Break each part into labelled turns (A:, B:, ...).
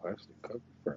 A: Plastic covered furniture.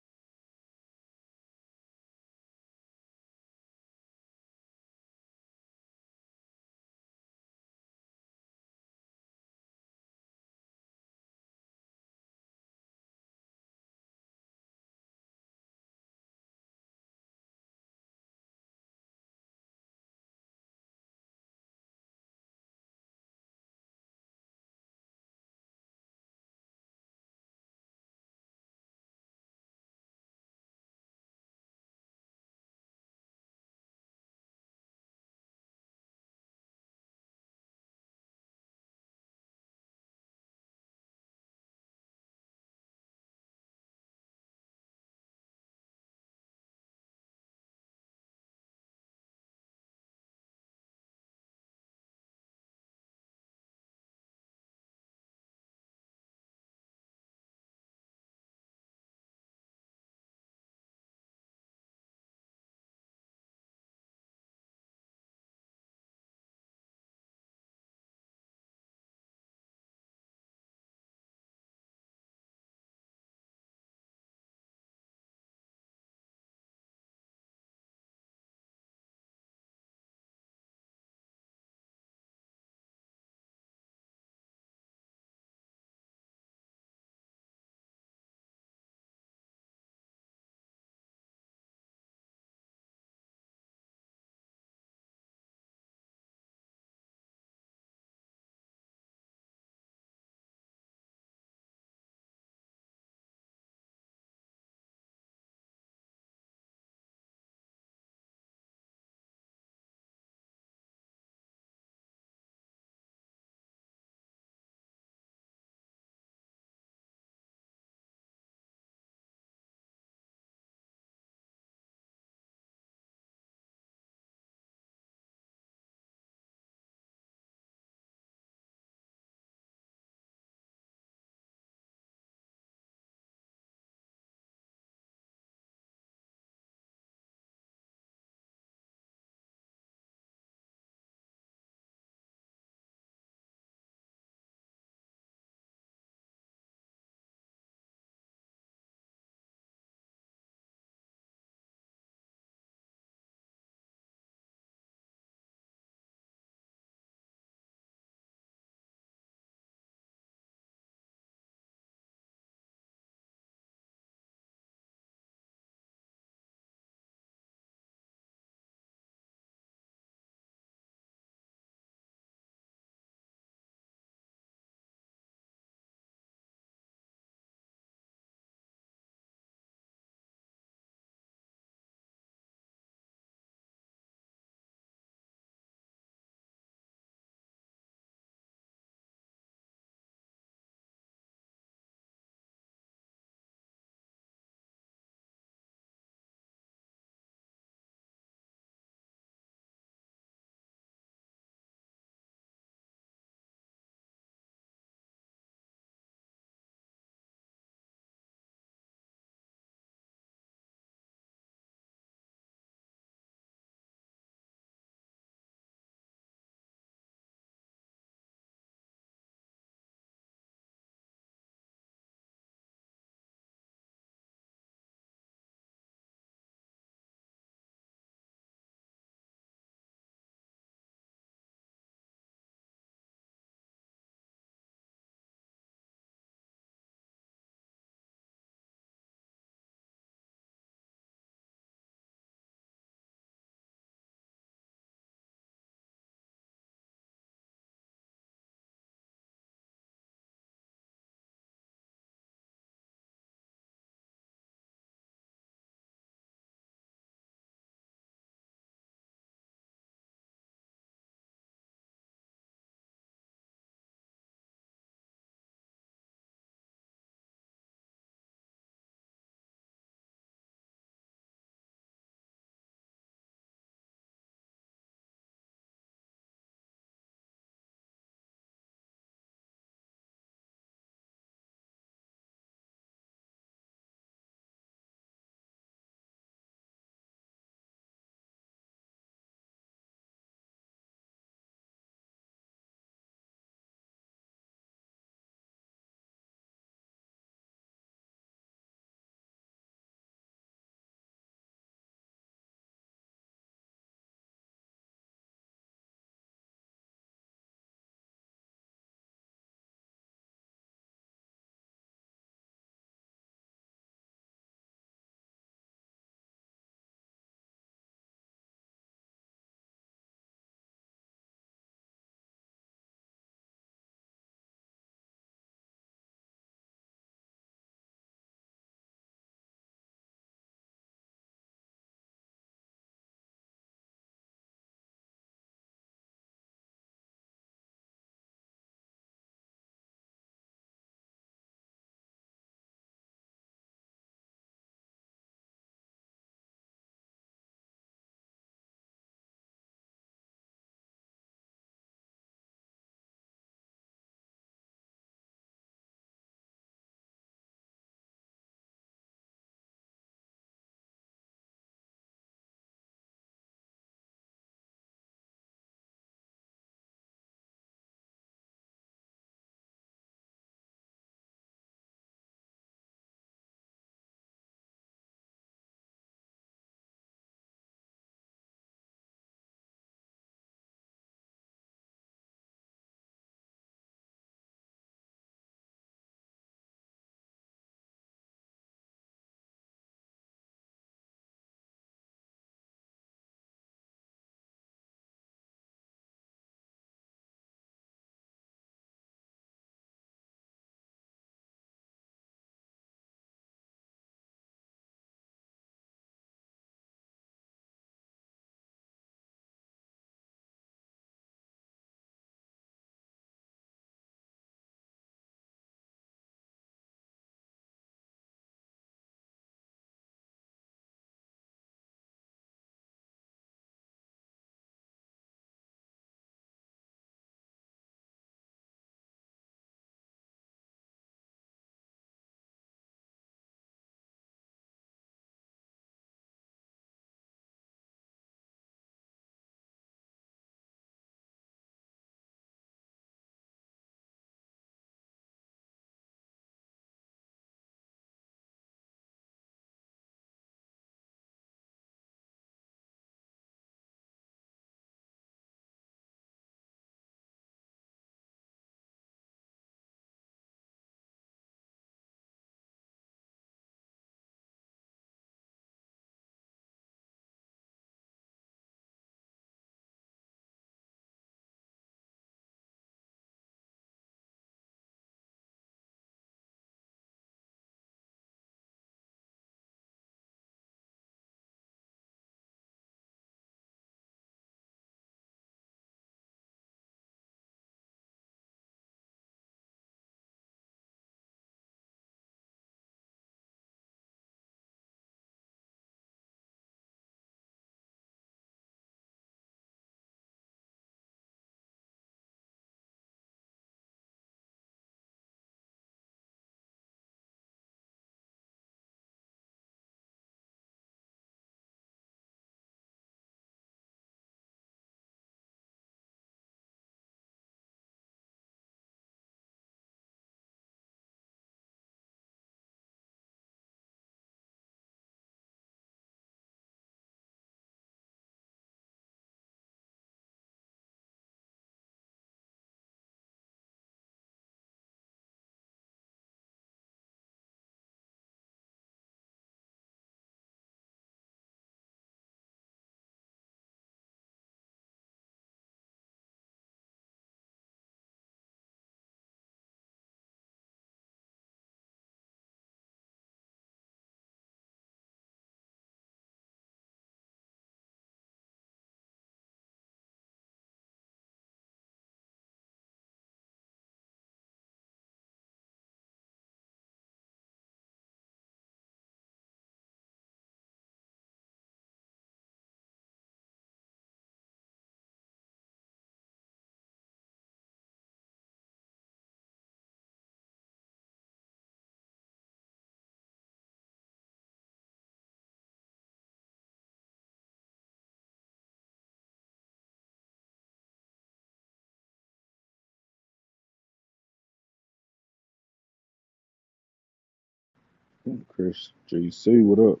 A: Hmm, Chris JC, what up?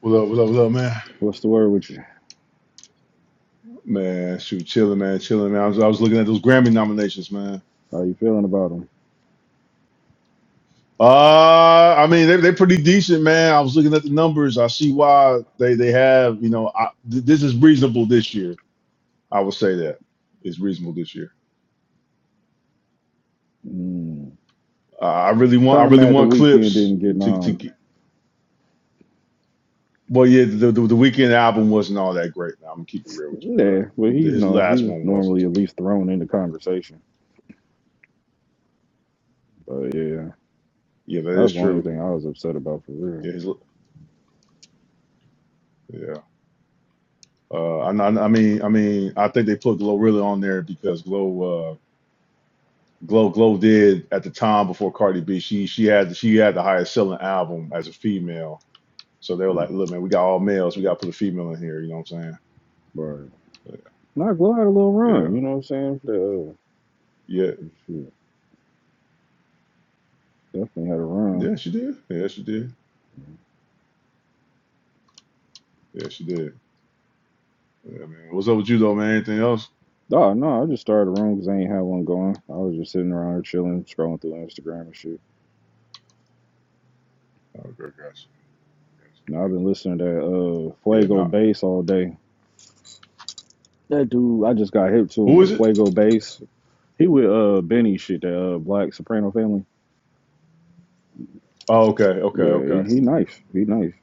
B: What up? What up? What up, man?
A: What's the word with you?
B: Man, shoot, chilling, man, chilling, man. I was, I was looking at those Grammy nominations, man.
A: How you feeling about him?
B: Uh, I mean, they they are pretty decent, man. I was looking at the numbers. I see why they they have, you know, I, th- this is reasonable this year. I will say that it's reasonable this year.
A: Mm.
B: Uh, I really want, I
A: Kind of
B: really
A: mad the
B: want
A: weekend
B: clips
A: didn't get
B: to to
A: um.
B: get. Well, yeah, the, the the weekend album wasn't all that great, man. I'm gonna keep it real with you, bro.
A: Yeah, but he's
B: His
A: no,
B: last
A: he's
B: one wasn't
A: normally
B: to
A: at
B: me.
A: least thrown into conversation. But yeah,
B: Yeah,
A: that
B: that
A: was
B: is
A: the only
B: true.
A: thing I was upset about for real.
B: Yeah, his, yeah. Uh, I, I I mean, I mean, I think they put Glow really on there because Glow, uh, Glow, Glow did at the time before Cardi B. She she had she had the highest selling album as a female. So they were
A: Mm.
B: like, look, man, we got all males. We got to put a female in here. You know what I'm saying?
A: But
B: But,
A: not glad had a little
B: yeah,
A: run. You know what I'm saying? The, uh,
B: yeah,
A: shit, definitely had a run.
B: yeah. She did. Yeah, she did. Yeah, she did. Yeah, man. What's up with you though, man? Anything else?
A: Oh no, I just started a room because I ain't had one going. I was just sitting around here chilling, scrolling through Instagram and shit.
B: Okay, gotcha. gotcha,
A: Now, I've
B: gotcha.
A: been listening to uh
B: Yeah,
A: Fuego
B: now
A: Bass all day. That dude, I just got hip to
B: who
A: him.
B: is it?
A: Fuego Bass. He with uh Benny shit, that uh Black Soprano family.
B: Oh, okay, okay,
A: Yeah,
B: okay.
A: he, he nice. He nice.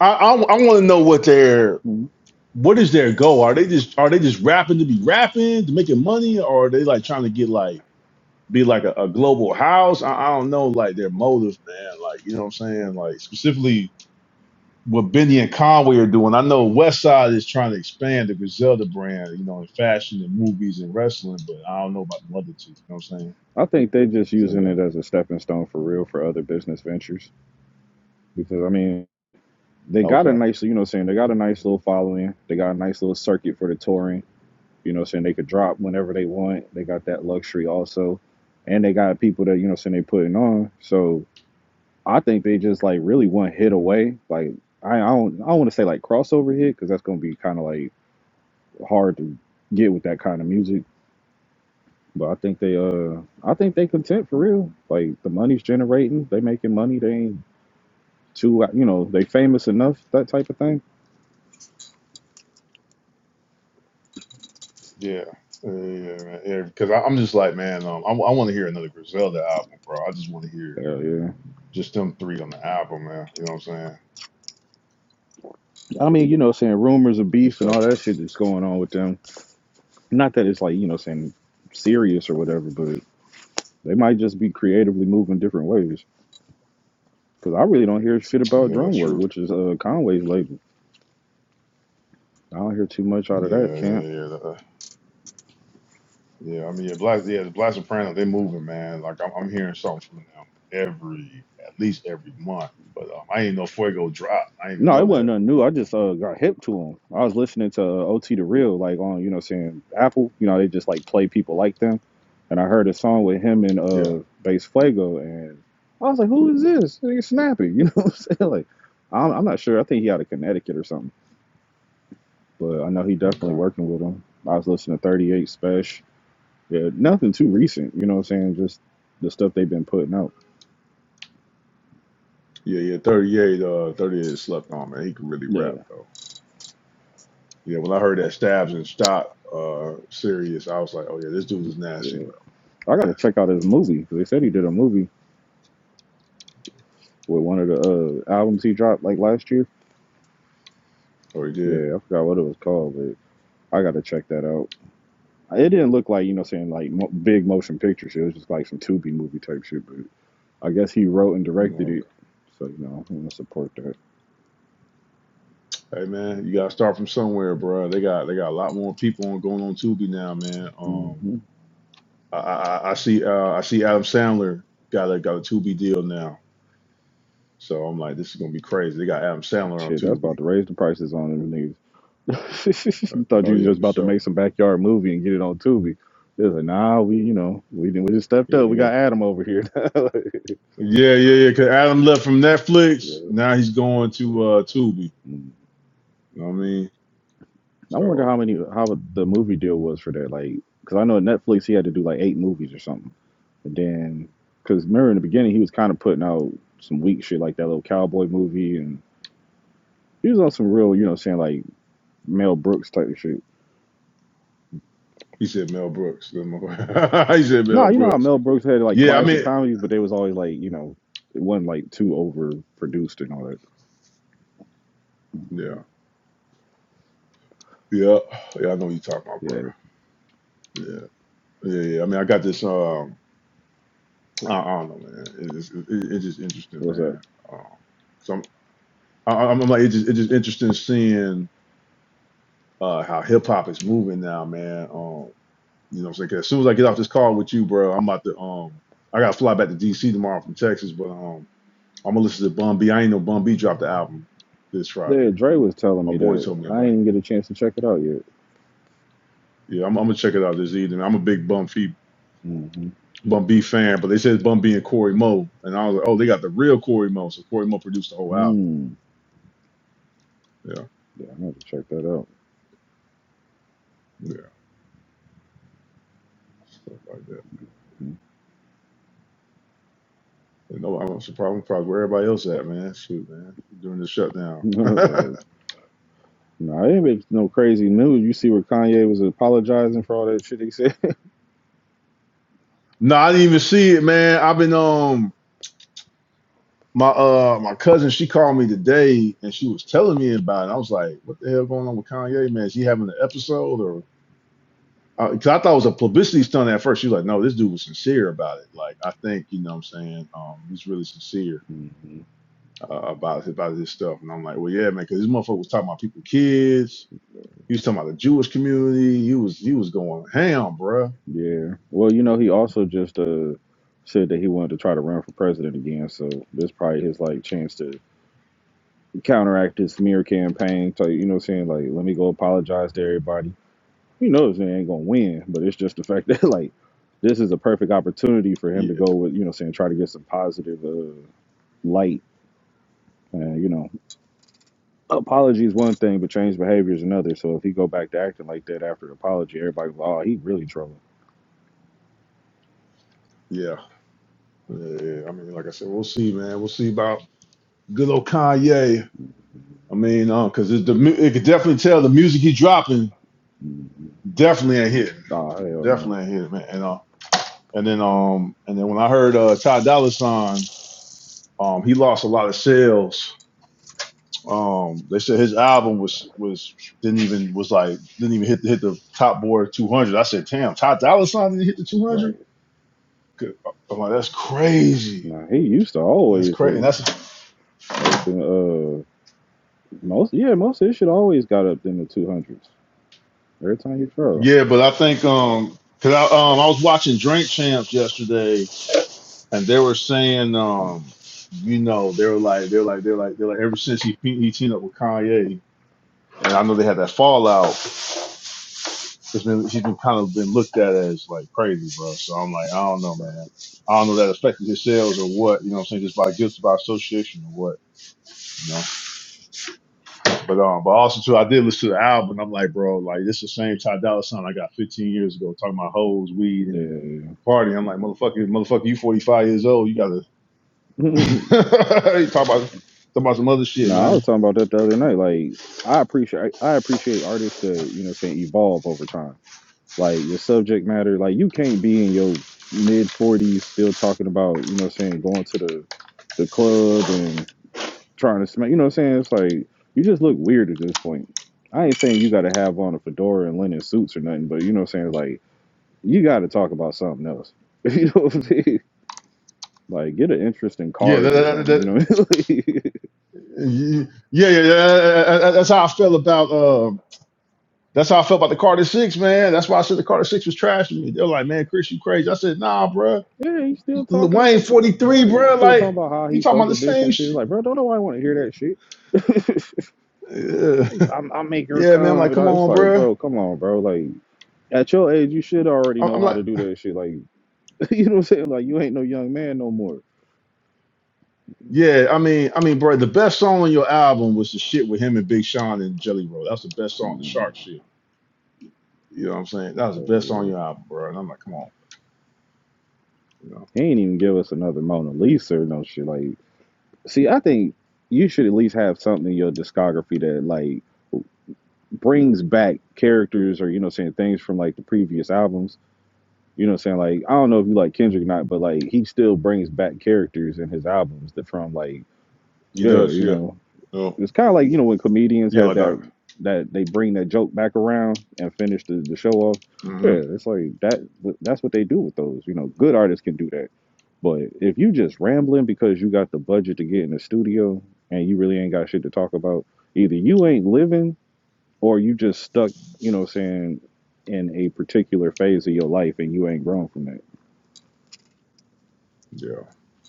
B: I I, I want to know what they're
A: Mhm.
B: what is their goal? Are they just are they just rapping to be rapping to making money, or are they like trying to get like be like a, a global house? I, I don't know, like their motives, man. Like you know what I'm saying? Like specifically what Benny and Conway are doing. I know Westside is trying to expand the Griselda brand, you know, in fashion and movies and wrestling, but I don't know about the other two. You know what I'm saying?
A: I think they just
B: So
A: using
B: yeah,
A: it as a stepping stone for real for other business ventures. Because I mean, they got a
B: okay,
A: nice you know what I'm saying, they got a nice little following. They got a nice little circuit for the touring. You know what I'm saying? They could drop whenever they want. They got that luxury also. And they got people that, you know what I'm saying, they putting on. So I think they just like really one hit away. Like I, I don't I don't want to say like crossover hit because that's gonna be kind of like hard to get with that kind of music. But I think they uh I think they content for real. Like the money's generating, they making money. They ain't too you know they famous enough that type of thing.
B: yeah. Yeah, yeah, yeah, because I I'm just like, man, um, I, I want to hear another Griselda album, bro. I just want to hear
A: Hell yeah.
B: just them three on the album, man. You know what I'm saying?
A: I mean you know what I'm saying rumors of
B: and
A: beef and
B: stuff.
A: all that shit that's going on with them. Not that it's like you know what I'm saying serious or whatever, but they might just be creatively moving different ways. Cause I really don't hear shit about
B: Yeah,
A: drum
B: that's
A: work,
B: true.
A: which is uh Conway's label. I don't hear too much out of
B: Yeah, yeah,
A: that camp.
B: yeah. yeah, that- yeah, I mean, yeah, Black, yeah, the Black Soprano. they moving, man. Like I'm, I'm hearing something from them every, at least every month. But um, I ain't know Fuego drop. I didn't even
A: No, it
B: know
A: wasn't
B: that.
A: nothing new. I just uh, got hip to him. I was listening to uh, OT the Real, like on you know, what I'm saying Apple. You know, they just like play people like them, and I heard a song with him and
B: Yeah.
A: uh, Bass Flago, and I was like, who is this? This Nigga snappy. You know what I'm saying? Like, I'm, I'm not sure. I think he out of Connecticut or something, but I know he definitely
B: Okay.
A: working with him. I was listening to 38 Special. Yeah, nothing too recent. You know what I'm saying? Just the stuff they've been putting out.
B: Yeah, yeah. 38, uh, 38 slept on, man. He could really
A: Yeah,
B: rap though. Yeah. When I heard that stabs and stop, uh, serious, I was like, oh yeah, this dude is nasty,
A: yeah.
B: bro.
A: I gotta
B: Nasty.
A: check out his movie. They said he did a movie. with one of the uh, albums he dropped like last year.
B: Oh, he did.
A: Yeah, I forgot what it was called, but I got to check that out. It didn't look like you know, saying like mo- big motion picture shit. It was just like some Tubi movie type shit. But I guess he wrote and directed
B: Oh,
A: it,
B: Okay.
A: so you know, I want to support that.
B: Hey man, you gotta start from somewhere, bro. They got they got a lot more people on going on Tubi now, man. Um.
A: hmm
B: I, I, I see. Uh, I see Adam Sandler got a got a Tubi deal now. So I'm like, this is gonna be crazy. They got Adam Sandler on
A: Shit, that's
B: Tubi.
A: about to raise the prices on them niggas. you thought you
B: Oh
A: was
B: yeah,
A: just
B: for
A: about to
B: sure.
A: make some backyard movie and get it on Tubi. It was like, nah, we, you know, we didn't, we just stepped
B: Yeah,
A: up.
B: they
A: We
B: got.
A: got Adam over here.
B: Yeah, yeah, yeah. Cause Adam left from Netflix.
A: Yeah.
B: Now he's going to uh Tubi.
A: Mm-hmm.
B: You know what I mean?
A: I wonder how
B: So
A: many how the movie deal was for that. Like, because I know at Netflix he had to do like eight movies or something. and then, because remember in the beginning he was kind of putting out some weak shit like that little cowboy movie, and he was on some real, you know, saying like Mel Brooks type of shit.
B: he said Mel Brooks. he said
A: Nah,
B: Mel
A: you know how
B: Brooks.
A: Mel Brooks had like
B: Yeah, I
A: classic
B: mean,
A: comedies, but they was always like, you know, it wasn't like too overproduced and all that.
B: yeah, yeah, yeah. I know what you're talking about, bro.
A: Yeah,
B: Yeah, yeah, yeah. I mean, I got this. Um, I, I don't know, man. It, it, it, it's just interesting,
A: what's up?
B: man. Um, I, I'm I'm like it's just, it's just interesting seeing uh, how hip hop is moving now, man. Um, you know, what I'm saying 'Cause as soon as I get off this call with you, bro, I'm about to um, I gotta fly back to DC tomorrow from Texas, but um, I'm gonna listen to Bun B. I ain't know Bun B dropped the album this
A: Yeah,
B: Friday.
A: Dre was telling
B: My
A: me
B: boy
A: that
B: told me
A: I
B: about.
A: ain't even get a chance to check it out yet.
B: It. Yeah, I'm, I'm gonna check it out this evening. I'm a big Bun B
A: Mm-hmm.
B: Bun B fan, but they said Bun B and Corey Mo, and I was like, oh, they got the real Corey Mo, so Corey Mo produced the whole album.
A: Mm.
B: Yeah,
A: Yeah, I'm gonna have to check that out.
B: yeah, stuff like that. You know, I'm surprised, I'm surprised where everybody else at, man. Shoot, man, during the shutdown.
A: right. No, it ain't no crazy news. You see where Kanye was apologizing for all that shit he said.
B: no, I didn't even see it, man. I've been um my uh my cousin. She called me today, and she was telling me about it. I was like, what the hell going on with Kanye, man? Is he having an episode or? Because I thought it was a publicity stunt at first. She was like, no, this dude was sincere about it. Like, I think you know what I'm saying. Um, he's really sincere
A: hmm
B: uh, about about this stuff. And I'm like, well, yeah, man, because this motherfucker was talking about people, kids. He was talking about the Jewish community. He was he was going ham, bruh.
A: Yeah. Well, you know, he also just uh said that he wanted to try to run for president again. So this probably his like chance to counteract his smear campaign. So you know, what I'm saying like, let me go apologize to everybody. He knows they ain't gonna win, but it's just the fact that like this is a perfect opportunity for him
B: Yeah,
A: to go with you know, what I'm saying try to get some positive uh, light. And you know. apology is one thing, but changed behavior is another. So if he go back to acting like that after the apology, everybody go, oh, he really trolling.
B: yeah, yeah. yeah. I mean, like I said, we'll see, man. We'll see about good old Kanye. I mean, uh, cause it, the mu- it could definitely tell the music he dropping
A: Mm,
B: definitely ain't hitting,
A: Nah, hell no.
B: definitely ain't hitting, man. And uh, and then um, and then when I heard uh Ty Dolla Sign, um, he lost a lot of sales. Um, they said his album was was didn't even was like didn't even hit hit the top board 200. I said, damn, Ty Dolla Sign didn't hit the
A: Right.
B: 200. I'm like, that's crazy.
A: Nah, he used to
B: That's
A: always
B: crazy. And
A: hit
B: That's
A: like the, uh most yeah most of his shit always got up in the two hundreds every time he trolled.
B: Yeah, but I think um, cause I um I was watching Drink Champs yesterday, and they were saying
A: Mm,
B: um, you know, they were like they're like they're like they're like ever since he he teamed up with Kanye, and I know they had that fallout. It's been he's been kind of been looked at as like crazy, bro. So I'm like, I don't know,
A: Right.
B: man. I don't know if that affected his sales or what. You know what I'm saying? Just by guilt by association or what. But um, but also too, I did listen to the album. And I'm like, bro, like this is the same Ty Dolla Sign I got 15 years ago talking about hoes, weed, and
A: Yeah.
B: party. I'm like, motherfucker, motherfucker, you 45 years old. You gotta you talk about talk about some other shit,
A: nah, I
B: man.
A: was talking about that the other night. Like I appreciate I appreciate artists that you know saying evolve over time like your subject matter like you can't be in your mid 40s still talking about you know what I'm saying going to the the club and trying to smack you know what I'm saying it's like you just look weird at this point I ain't saying you got to have on a fedora and linen suits or nothing but you know what I'm saying like you got to talk about something else you know what I'm saying like get an interest in
B: Yeah, that,
A: cars or
B: that, that,
A: something you know
B: yeah, yeah, yeah. that- that- That's how I felt about. Um, that's how I felt about the Carter Six, man. That's why I said the Carter Six was trash to me. They're like, man, Chris, you crazy. I said, nah, bro,
A: yeah he's still talking
B: Wayne
A: about
B: 43,
A: right
B: bro.
A: still talking
B: Like,
A: about how
B: you
A: he
B: talking
A: fuck
B: about the
A: a bitch
B: same
A: and shit like
B: shit?
A: bro don't nobody want to hear that shit
B: Yeah.
A: I'm, I make her
B: yeah, man. I'm
A: come,
B: like,
A: and
B: come
A: I, it's
B: on,
A: like,
B: bro.
A: bro, come on, bro. Like at your age, you should already
B: I-
A: know
B: I'm
A: how
B: like,
A: to do that shit. Like, you know what I'm saying? Like, you ain't no young man no more.
B: yeah, I mean, I mean, bro, the best song on your album was the shit with him and Big Sean and Jelly Roll. That's the best song, the
A: Mm,
B: Shark shit. You know what I'm saying? That was the best song on
A: uh,
B: your album, bro. And I'm like, come on, you know.
A: He ain't even give us another Mona
B: But
A: Lisa or no shit. Like, see, I think you should at least have something in your discography that like brings back characters or you know, what I'm saying things from like the previous albums. You know, what I'm saying like I don't know if you like Kendrick or not, but like he still brings back characters in his albums that from like
B: He
A: yeah,
B: does,
A: you
B: yeah.
A: know.
B: Oh,
A: It's kind of like you know when comedians
B: yeah,
A: have
B: like that.
A: that that they bring that joke back around and finish the, the show off.
B: hmm
A: Yeah, it's like that. That's what they do with those. You know, good artists can do that. But if you just rambling because you got the budget to get in the studio and you really ain't got shit to talk about, either you ain't living or you just stuck. You know, what I'm saying in a particular phase of your life and you ain't grown from that.
B: Yeah.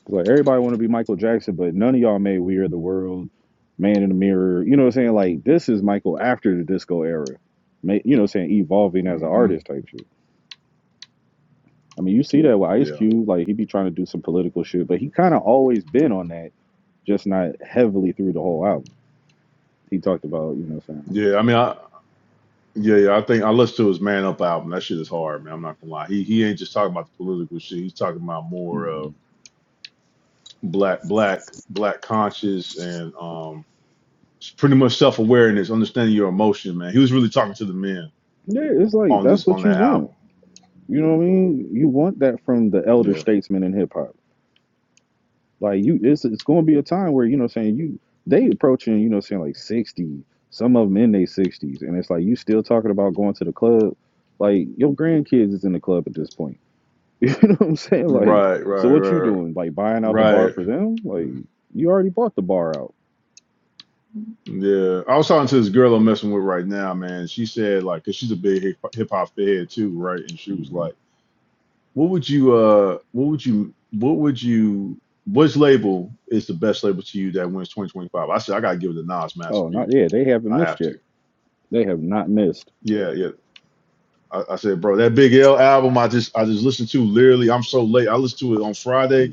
A: Like everybody want to be Michael Jackson, but none of y'all made "We Are the World," "Man in the Mirror." You know what I'm saying? Like this is Michael after the disco era. Ma- You know what I'm saying? Evolving as an
B: hmm
A: artist type shit. I mean, you see that with Ice
B: Yeah.
A: Cube. Like he be trying to do some political shit, but he kind of always been on that, just not heavily through the whole album. He talked about you know what I'm
B: Yeah. I mean, I. Yeah, yeah, I think I listened to his Man Up album. That shit is hard, man. I'm not gonna lie. He he ain't just talking about the political shit. He's talking about
A: saying.
B: more of
A: Mhm.
B: black, black, black conscious and um It's pretty much self awareness, understanding your emotion, man. He was really talking to the men
A: Yeah, it's like
B: on
A: that's
B: this on
A: what you
B: that
A: want.
B: album.
A: You know what I mean? You want that from the elder
B: Yeah.
A: statesman in hip hop. Like you, it's it's going to be a time where you know, what I'm saying you they approaching you know, what I'm saying like sixty, some of them in their sixties, and it's like you still talking about going to the club. Like your grandkids is in the club at this point. You know what I'm saying? Like,
B: Right,
A: so
B: right,
A: what you
B: right.
A: doing? Like buying out the bar
B: Right.
A: for them? Like you already bought the bar out.
B: Yeah. I was talking to this girl I'm messing with right now, man. She said like, 'cause she's a big hip hop head too, right? And she was
A: Mhm.
B: like, What would you uh what would you what would you which label is the best label to you that wins 2025? I said, I gotta give it to Nas Mass
A: Oh, not
B: Appeal.
A: yeah, they haven't
B: I
A: missed
B: have
A: yet.
B: to.
A: They have not missed,
B: Yeah, yeah. I, I said, bro, that Big L album I just I just listened to literally. I'm so late. I listened to it on Friday.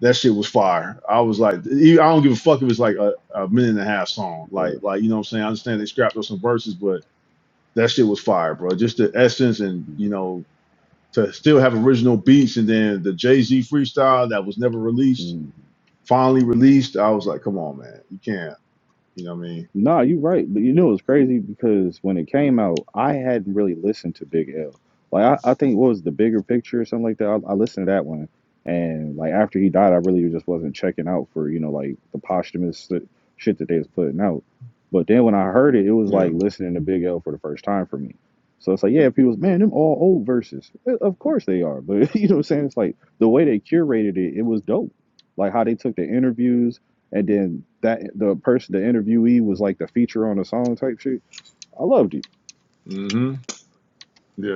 B: That shit was fire. I was like, e- I don't give a fuck if it's like a, a minute and a half song. Like
A: bro.
B: like you know what I'm saying. I understand they scrapped up some verses, but that shit was fire, bro. Just the essence and you know to still have original beats and then the Jay Z freestyle that was never released, finally released. I was like, come on, man, you can't. You know what I mean?
A: Nah, you right. But you know it's crazy because when it came out, I hadn't really listened to Big L. Like I, I think what was the bigger picture or something like that. I, I listened to that one, and like after he died, I really just wasn't checking out for you know like the posthumous s- shit that they was putting out. But then when I heard it, it was
B: Yeah.
A: like listening to Big L for the first time for me. So it's like yeah, people's man, them all old verses. Eh, Of course they are, but you know what I'm saying. It's like the way they curated it, it was dope. Like how they took the interviews and then that the person, the interviewee, was like the feature on the song type shit. I loved you.
B: Mm-hmm. Yeah.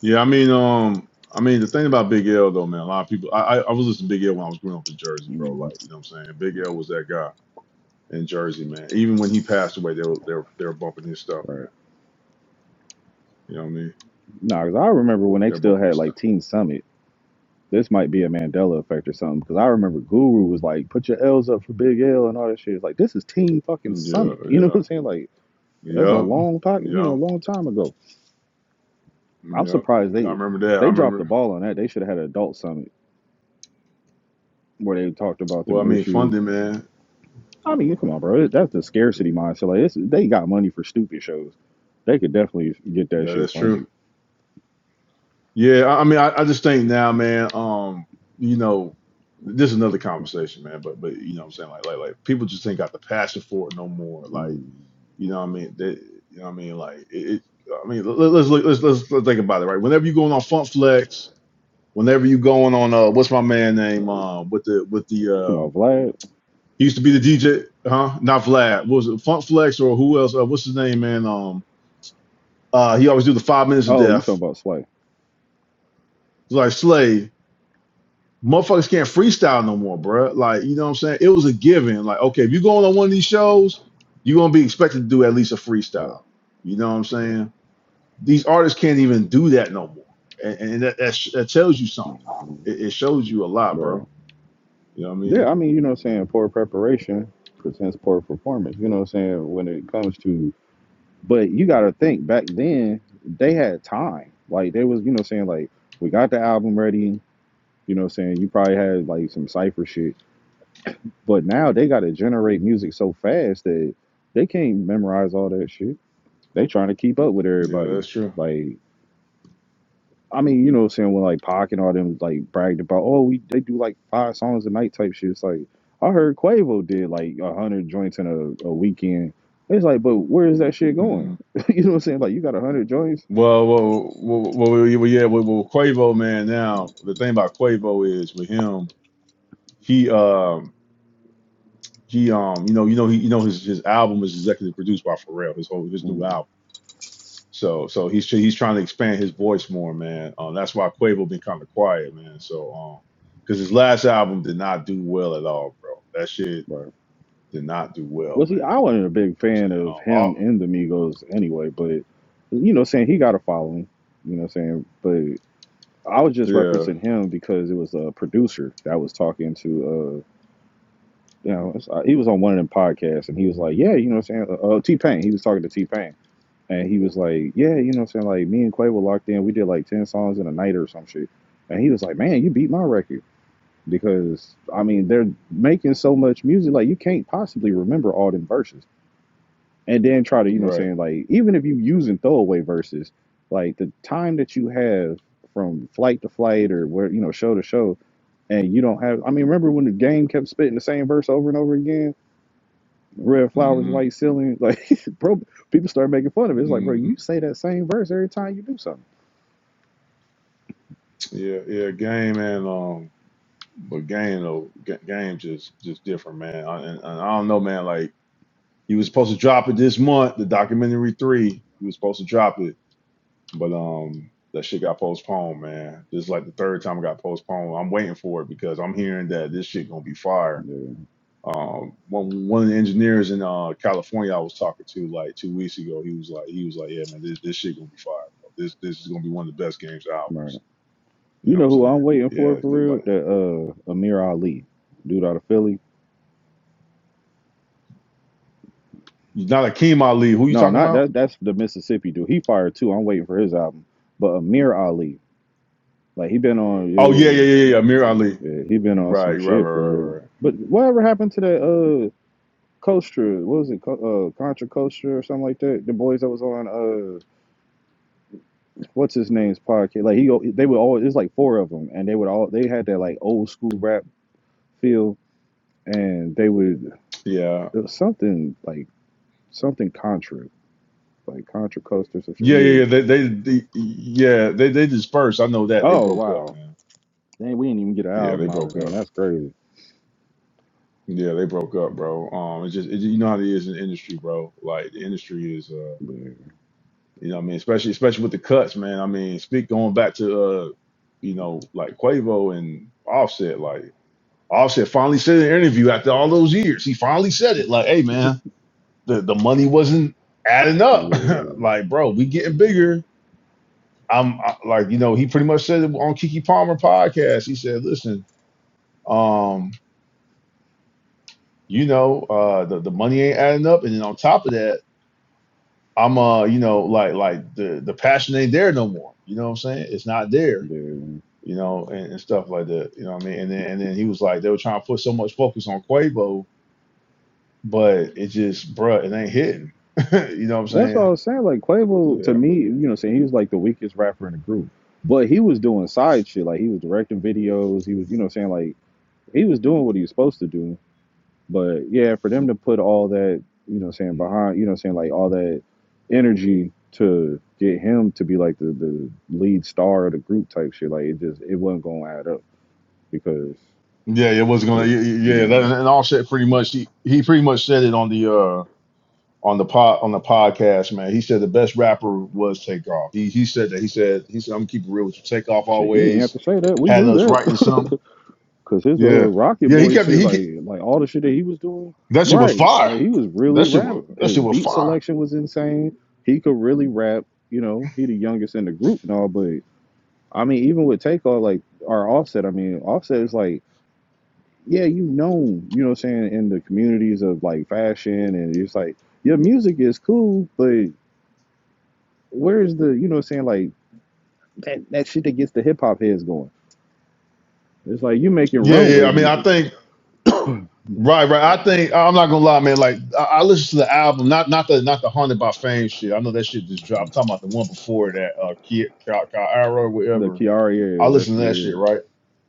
B: Yeah, I mean, um, I mean, the thing about Big L though, man, a lot of people. I I, I was listening to Big L when I was growing up in Jersey, bro.
A: Mm.
B: Like, you know what I'm saying? Big L was that guy in Jersey, man. Even when he passed away, they were they were, they were bumping his stuff,
A: Right.
B: man. You know what I mean?
A: Nah, because I remember when they
B: They were
A: still
B: bumping
A: had
B: his
A: like
B: stuff.
A: Teen Summit. This might be a Mandela effect or something. Because I remember Guru was like, "Put your L's up for Big L" and all that shit. It's like this is Teen fucking
B: Yeah,
A: Summit. You know what
B: yeah,
A: I'm saying? Like that's a
B: yep,
A: long time, you know,
B: yep,
A: long time ago. I'm
B: yep.
A: surprised
B: I
A: they
B: remember that. I
A: they dropped the
B: remember.
A: ball on that. They should have had an Adult Summit where they talked about
B: Well, I
A: them
B: mean,
A: issues.
B: funding, man.
A: I mean, come on, bro. That's the scarcity
B: Yeah,
A: mindset. Like, it's, they got money for stupid shows. They could definitely get that
B: that,
A: shit
B: that's true.
A: funded.
B: Yeah, I I mean, I, I just think now, man. Um, you know, this is another conversation, man. But but you know, what I'm saying like like like people just ain't got the passion for it no more. Like
A: Mm.
B: you know, what I mean, they, you know, what I mean, like it. it I mean, let, let's look, let's let's let's think about it, right? Whenever you going on Funk Flex, whenever you going on uh, what's my man name?
A: Talking
B: Uh, with the with the uh,
A: about Vlad?
B: he used to be the DJ, huh? Not Vlad. What was it Funk Flex or who else? Uh, what's his name, man? Um, uh, he always do the five minutes of
A: Oh, you
B: death.
A: talking about Slay.
B: Like Slay, motherfuckers can't freestyle no more, bruh. Like, you know what I'm saying? It was a given. Like, okay, if you're going on one of these shows, you're gonna be expected to do at least a
A: Bro.
B: freestyle. You know what I'm saying? These artists can't even do that no more, and, and that, that that tells you something. It, it shows you a lot,
A: Right.
B: bro. You know what I
A: Yeah,
B: mean?
A: I mean, you know what I'm saying? Poor preparation presents poor performance. You know what I'm saying? When it comes to, but you got to think back then, they had time. Like, they was, you know what I'm saying? Like, we got the album ready. You know what I'm saying? You probably had like some cypher shit. But now they got to generate music so fast that they can't memorize all that shit. They trying to keep up with
B: Yeah,
A: everybody.
B: that's true.
A: Like, I mean, you know what I'm saying, when like Pac and all them like bragged about, oh, we they do like five songs a night type shit. It's like I heard Quavo did like a hundred joints in a, a weekend. It's like, but where is that shit going?
B: hmm
A: you know what I'm saying? Like you got a hundred joints?
B: Well, well, well, well, yeah, well, yeah, well, well, Quavo, man. Now the thing about Quavo is with him, he, um, he, um, you know, you know, he, you know, his his album is executive produced by Pharrell. His whole his new
A: mm
B: album. So so he's he's trying to expand his voice more, man. Um, that's why Quavo been kind of quiet, man. So um, because his last album did not do well at all, bro. That shit
A: Right.
B: did not do well,
A: Well
B: man.
A: see, I wasn't a big fan
B: You know
A: of
B: what I'm
A: him and the Migos anyway, but you know what I'm saying, he got a following. You know what I'm saying? But I was just
B: saying, um, all- yeah,
A: referencing him because it was a producer that was talking to uh, you know, uh, he was on one of them podcasts and he was like, yeah, you know what I'm saying? Uh, T Pain, he was talking to T Pain. And he was like, yeah, you know what I'm saying? Like, me and Quavo were locked in. We did like 10 songs in a night or some shit. And he was like, man, you beat my record. Because, I mean, they're making so much music. Like, you can't possibly remember all them verses. And then try to, you know what I'm
B: right.
A: saying? Like, even if you using throwaway verses, like the time that you have from flight to flight or where, you know, show to show, and you don't have, I mean, remember when the game kept spitting the same verse over and over again? red flowers,
B: hmm
A: white ceiling. Like, bro, people start making fun of it. It's like, bro,
B: hmm
A: you say that same verse every time you do something.
B: Yeah, yeah. Game and um, but game though, Ga- game just just different, man. I, and, and I don't know, man. Like he was supposed to drop it this month, the documentary three. He was supposed to drop it But um, that shit got postponed, man. This is like the third time it got postponed. I'm waiting for it because I'm hearing that this shit gonna be fire.
A: Yeah,
B: Um, one one of the engineers in uh California I was talking to like two weeks ago, he was like, he was like, yeah, man, this this shit gonna be fire. Bro. This this is gonna be one of the best games albums.
A: right.
B: You
A: You
B: know what
A: know
B: I'm
A: who
B: saying?
A: I'm waiting for
B: Yeah,
A: for
B: 'cause,
A: real?
B: like
A: The uh, Amir Ali, dude out of Philly.
B: not Akeem Ali. Who you
A: No,
B: talking
A: not
B: about?
A: that. That's the Mississippi dude. He fired too. I'm waiting for his album. But Amir Ali, like he been
B: Oh yeah, yeah,
A: on,
B: yeah, yeah, Amir Ali.
A: yeah, yeah, he been on
B: Right,
A: some
B: right, right,
A: shit for
B: right,
A: real.
B: right. right.
A: But whatever happened to that uh, Costa? What was it? Co- Uh, Contra Costa or something like that. The boys that was on uh. what's his name's podcast. Like he, go, they would always. It's like four of them, and they would all. They had that like old school rap feel, and they would
B: Yeah.
A: it was something like something Contra, like Contra Coast or some shit.
B: Yeah, yeah,
A: Yeah.
B: yeah. They, they, they yeah, they, they dispersed. I know that they
A: Oh
B: broke up,
A: wow,
B: man.
A: dang, we didn't even get an
B: Yeah, they
A: album out of
B: broke
A: them.
B: up.
A: That's crazy.
B: Yeah, they broke up, bro. Um, it's just it, you know how it is in the industry, bro. Like the industry is, uh,
A: Yeah,
B: you know, what I mean, especially especially with the cuts, man. I mean, speak going back to, uh, you know, like Quavo and Offset. Like Offset finally said in an interview after all those years, he finally said it. Like, hey, man, the the money wasn't adding up.
A: yeah,
B: like, bro, we getting bigger. I'm I, like, you know, he pretty much said it on Kiki Palmer podcast. He said, listen. um. you know, uh, the the money ain't adding up, and then on top of that, I'm uh, you know, like like the the passion ain't there no more. You know what I'm saying? It's not there.
A: yeah.
B: You know, and, and stuff like that. You know what I mean? And then and then he was like, they were trying to put so much focus on Quavo, but it just, bruh, it ain't hitting. you know what I'm
A: That's
B: saying?
A: what I was saying. Like
B: So
A: Quavo, to
B: yeah,
A: me, you know, saying he was like the weakest rapper in the group, but he was doing side shit. Like he was directing videos. He was, you know, saying like he was doing what he was supposed to do. But yeah, for them to put all that, you know, what I'm saying behind, you know, what I'm saying like all that energy to get him to be like the, the lead star of the group type shit, like it just it wasn't gonna add up because,
B: yeah, it was gonna,
A: because
B: yeah,
A: you
B: yeah, that,
A: know,
B: and all shit. Pretty much, he he pretty much said it on the uh on the pod on the podcast, man. He said the best rapper was Takeoff. He he said that. He said he said I'm gonna keep it real with you. Takeoff
A: shit, he didn't have
B: always
A: to say that. We
B: had
A: knew
B: us
A: that
B: writing something.
A: because his uh
B: Yeah,
A: Rocket
B: yeah. He
A: Boy
B: kept it.
A: shit,
B: He ke-
A: like like all the shit that he was doing,
B: that shit was
A: right?
B: fire.
A: Like he was really
B: That shit was
A: rapping.
B: that
A: His
B: shit was
A: beat
B: fire.
A: selection was insane. He could really rap. You know, he the youngest in the group and all, but I mean, even with takeoff, like our offset, I mean, offset is like, yeah, you know, you know what I'm saying, in the communities of like fashion and it's like your music is cool, but where's the you know what I'm saying, like that, that shit that gets the hip hop heads going. It's like you making
B: Yeah, yeah.
A: runway
B: I mean, I
A: music.
B: think right, right. I think I'm not gonna lie, man. Like I, I listened to the album, not not the not the haunted by fame shit. I know that shit just dropped. I'm talking about the one before that, uh, Ki Ki- Ki- Kiara,
A: The
B: whatever.
A: Kiara
B: I
A: era, that
B: listened
A: shit
B: to that shit,
A: is
B: right?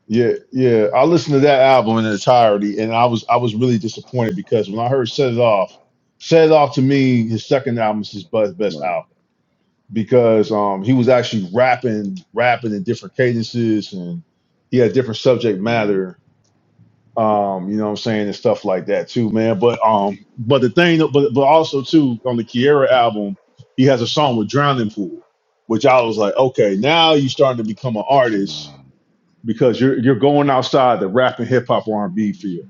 B: Yeah, yeah. I listened to that album in entirety, and I was I was really disappointed because when I heard "Set It Off," "Set It Off" to me, his second album is his best best
A: smart.
B: album because um he was actually rapping, rapping in different cadences, and he had different subject
A: Mhm,
B: matter. Um, you know what I'm saying, and stuff like that too, man. But um, but the thing, but but also too on the Kiera album, he has a song with Drowning Pool, which I was like, okay, now you're starting to become an artist
A: mhm,
B: because you're you're going outside the rap and hip hop R and B field.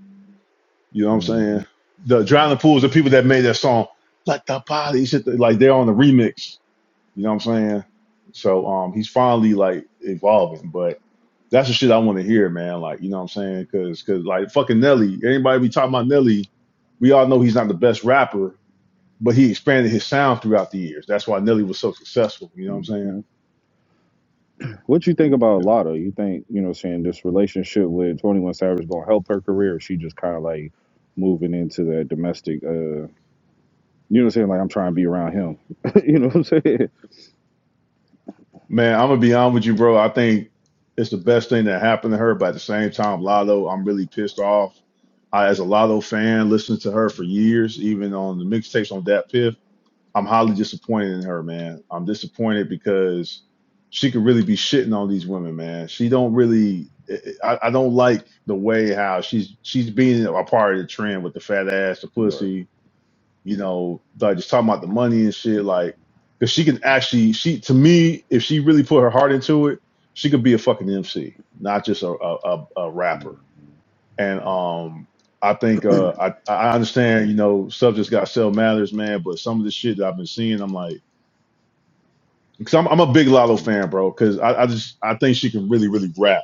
B: You know what I'm saying?
A: mhm,
B: The drowning pools, the people that made that song, let the body shit, like they're on the remix. You know what I'm saying? So um, he's finally like evolving, but that's the shit I want to hear, man. Like you know what I'm saying? Because because like fucking Nelly, anybody be talking about Nelly, we all know he's not the best rapper, but he expanded his sound throughout the years. That's why Nelly was so successful. You know what I'm saying?
A: mhm.
B: Yeah.
A: What you think about Lotto? You think, you know what I'm saying, this relationship with 21 Savage gonna help her career or she just kinda like moving into that domestic Uh, You know what I'm saying? Like I'm trying to be around him. you know what I'm saying?
B: Man, I'm gonna be honest with you, bro. I think it's the best thing that happened to her, but at the same time, Lotto, I'm really pissed off. I, as a Lotto fan, listened to her for years, even on the mixtapes on that Piff. I'm highly disappointed in her, man. I'm disappointed because she could really be shitting on these women, man. She don't really. eh, eh, I, I don't like the way how she's she's being a part of the trend with the fat ass, the
A: Right.
B: pussy, you know, like just talking about the money and shit, like, cause she can actually, she to me, if she really put her heart into it, she could be a fucking MC, not just a a, a, a rapper. And um, I think uh, I I understand, you know, stuff just got sell matters, man. But some of the shit that I've been seeing, I'm like, cause I'm I'm a big Lotto fan, bro. Cause I, I just I think she can really really rap.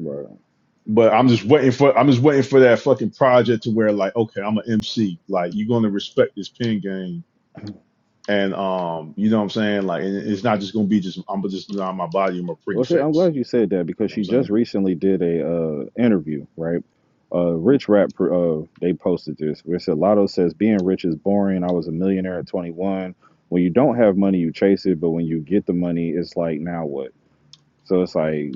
A: Right.
B: But I'm just waiting for I'm just waiting for that fucking project to where like, okay, I'm an MC, like you're gonna respect this pin game And um, you know what I'm saying? Like and it's not just gonna be just I'm just on my body and my pretty
A: Well, see, I'm
B: face.
A: glad you said that because
B: You know what
A: she
B: I'm
A: just
B: saying?
A: recently did a uh, interview, right? Uh, rich rap, pr- uh, they posted this where it said Lotto says being rich is boring. I was a millionaire at 21. When you don't have money, you chase it, but when you get the money, it's like now what? So it's like,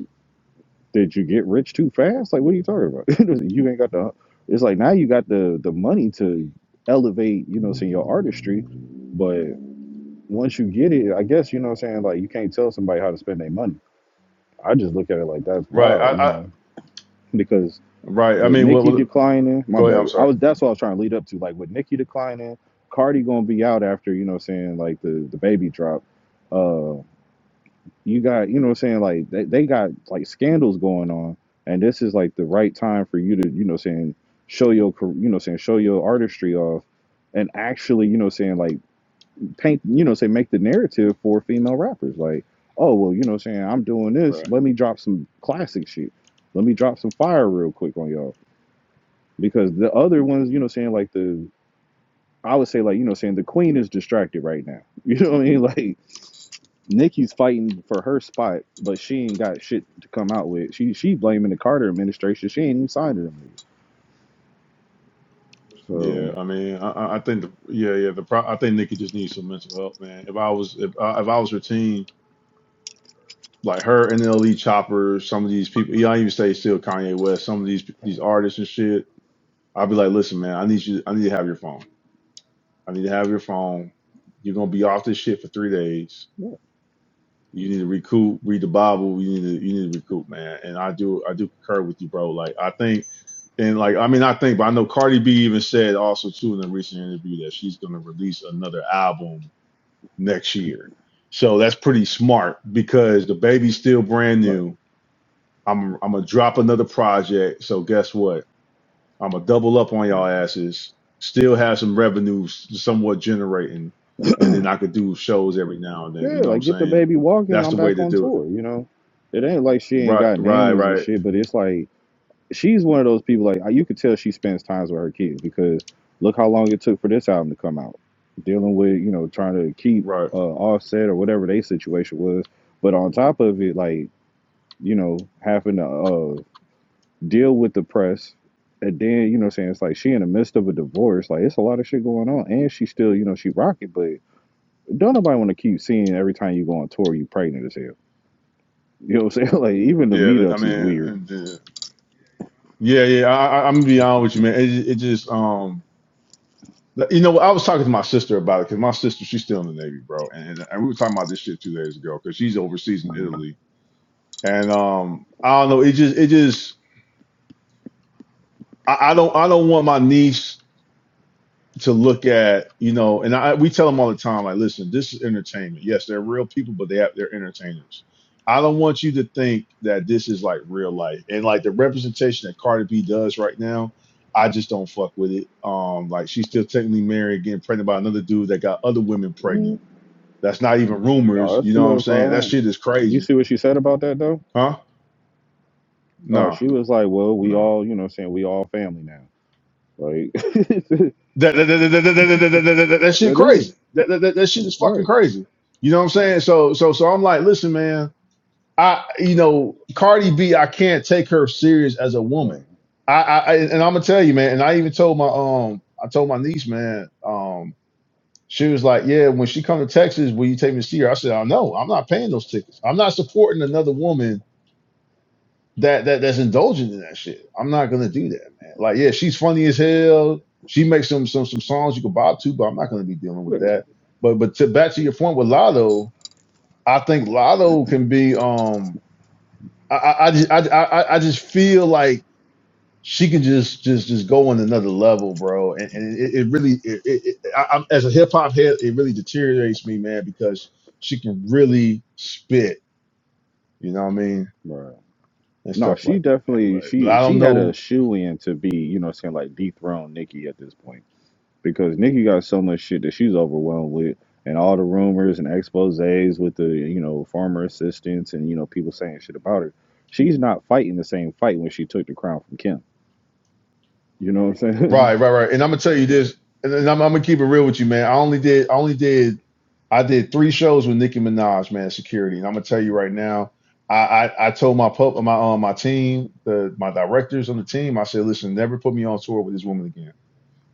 A: did you get rich too fast? Like, what are you talking about? you ain't got the. It's like now you got the the money to elevate, you know, in your artistry, once you get it, I guess you know what I'm saying, like you can't tell somebody how to spend their money. I just look at it like that's
B: Right. I,
A: wild, you
B: I
A: know. Because
B: right. I
A: with
B: mean, what,
A: Nikki
B: what?
A: declining, my
B: Go ahead. I'm
A: bad. I
B: sorry.
A: was that's what I was trying to lead up to. Like with Nikki declining, Cardi gonna be out after, you know what I'm saying, like the, the baby drop. Uh you got, you know what I'm saying, like they, they got like scandals going on and this is like the right time for you to, you know what I'm saying, show your car- you know what I'm saying, show your artistry off and actually, you know what I'm saying, like paint, you know, say make the narrative for female rappers. Like, oh well, you know, what I'm saying I'm doing this.
B: Right.
A: Let me drop some classic shit. Let me drop some fire real quick on y'all because the other ones, you know, what I'm saying like the I would say like you know, what I'm saying the queen is distracted right now. You know what I mean? Like Nikki's fighting for her spot, but she ain't got shit to come out with. She she blaming the Carter administration. She ain't even signed it. So
B: Yeah. I mean, I, I I think the, yeah, yeah. The pro, I think Nikki just needs some mental help, man. If I was if I, if I was her team, like her NLE Chopper, some of these people. Yeah, I even say still Kanye West. Some of these these artists and shit. I'd be like, listen, man. I need you. I need to have your phone. I need to have your phone. You're gonna be off this shit for three days
A: yeah,
B: You need to recoup, read the Bible. You need to you need to recoup, man. And I do I do concur with you, bro. Like I think and like I mean I think, but I know Cardi B even said also too in a recent interview that she's gonna release another album next year. So that's pretty smart because the baby's still brand
A: right.
B: new. I'm I'm gonna drop another project. So guess what? I'm gonna double up on y'all
A: Mm-hmm.
B: asses. Still have some revenue somewhat generating, and then I could do shows every now and then.
A: Yeah,
B: You know what I'm
A: like get the
B: saying?
A: baby walking. and
B: That's
A: I'm
B: the way
A: back
B: to
A: on
B: do it.
A: tour. You know, it ain't like she ain't
B: Right,
A: got
B: right,
A: nannies and
B: right,
A: shit, but it's like she's one of those people. Like you could tell she spends times with her kids because look how long it took for this album to come out. Dealing with you know trying to keep
B: right.
A: uh, Offset or whatever their situation was, but on top of it, like you know having to uh, deal with the press. And then you know, what I'm saying it's like she in the midst of a divorce. Like it's a lot of shit going on, and she still you know she rock it, but don't nobody want to keep seeing every time you go on tour you pregnant as hell. You know what I'm saying? Like even the
B: Yeah, th- I
A: meetups is
B: mean,
A: weird.
B: and, uh, yeah, yeah. I, I, I'm gonna be honest with you, man. It, ju- it just, um, th- you know, I was talking to my sister about it because my sister, she's still in the Navy, bro, and, and we were talking about this shit two days ago because she's overseas in Italy, and um, I don't know. It just, it just, I, I don't, I don't want my niece to look at, you know, and I we tell them all the time, like, listen, this is entertainment. Yes, they're real people, but they have, they're entertainers. I don't want you to think that this is like real life and like the representation that Cardi B does right now. I just don't fuck with it. Um, like she's still technically married, getting pregnant by another dude that got other women pregnant.
A: Mm,
B: That's not even
A: Oh,
B: rumors.
A: that's
B: You know what I'm saying? That
A: solidified.
B: shit is
A: You
B: crazy,
A: see what she said about that though?
B: huh?
A: Oh,
B: Nah,
A: she was like, Well, we
B: nah.
A: all, you know what I'm saying, we all family now. Like that
B: that that, that, that, that, that, that, that, that, that- that shit
A: is.
B: crazy. That, that, that, that shit is fucking
A: Right.
B: crazy. You know what I'm saying? So so so I'm like, listen, man. I you know Cardi B, I can't take her serious as a woman.
A: Right.
B: I, I I- and I'm gonna tell you, man. And I even told my um, I told my niece, man. Um, she was like, yeah, when she come to Texas, will you take me to see her? I said, I know. I'm not paying those tickets. I'm not supporting another woman that that that's indulgent in that shit. I'm not gonna do that, man. Like, yeah, she's funny as hell. She makes some some some songs you can bob to, but I'm not gonna be dealing with
A: Yeah.
B: that. But but to back to your point with Lotto, I think Lotto can be um I I I just, I, I, I just feel like she can just just just go on another level, bro. And, and it, it really it, it, it, I, I'm, as a hip hop head, it really deteriorates me, man, because she can really spit. You know what I mean?
A: Right.
B: And
A: No,
B: stuff
A: she
B: like that, man.
A: definitely
B: But but
A: she
B: I
A: she
B: don't
A: had a
B: know
A: shoe in to be, you know what I'm saying, like dethrone Nikki at this point. because Nikki got so much shit that she's overwhelmed with, and all the rumors and exposés with the you know former assistants and you know people saying shit about her. She's not fighting the same fight when she took the crown from Kim. You know what I'm saying?
B: Right, right, right. And I'm gonna tell you this, and, and I'm, I'm gonna keep it real with you, man. I only did, I only did, I did three shows with Nicki Minaj, man. Security, and I'm gonna tell you right now, I, I, I told my pub, my um, my team, the my directors on the team, I said, listen, never put me on tour with this woman again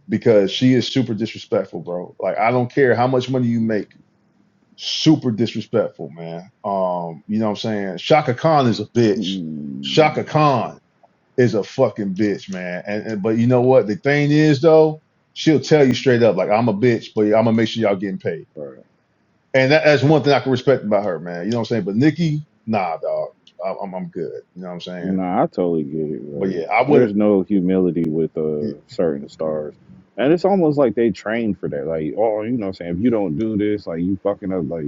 B: because she is super disrespectful, bro. Like I don't care how much money you make, super disrespectful, man. Um, you know what I'm saying? Shaka Khan is a bitch.
A: mm,
B: Shaka Khan is a fucking bitch, man. And, and but you know what? The thing is though, she'll tell you straight up, like I'm a bitch, but I'm gonna make sure y'all getting paid.
A: right.
B: And that, that's one thing I can respect about her, man. You know what I'm saying? But Nikki, nah, dog. I'm I'm I'm good. You know what I'm saying?
A: Nah, I totally get it.
B: But
A: Right.
B: yeah, I wouldn't.
A: There's no humility with uh certain stars. And it's almost like they trained for that. Like, oh, you know what I'm saying? If you don't do this, like you fucking up. Like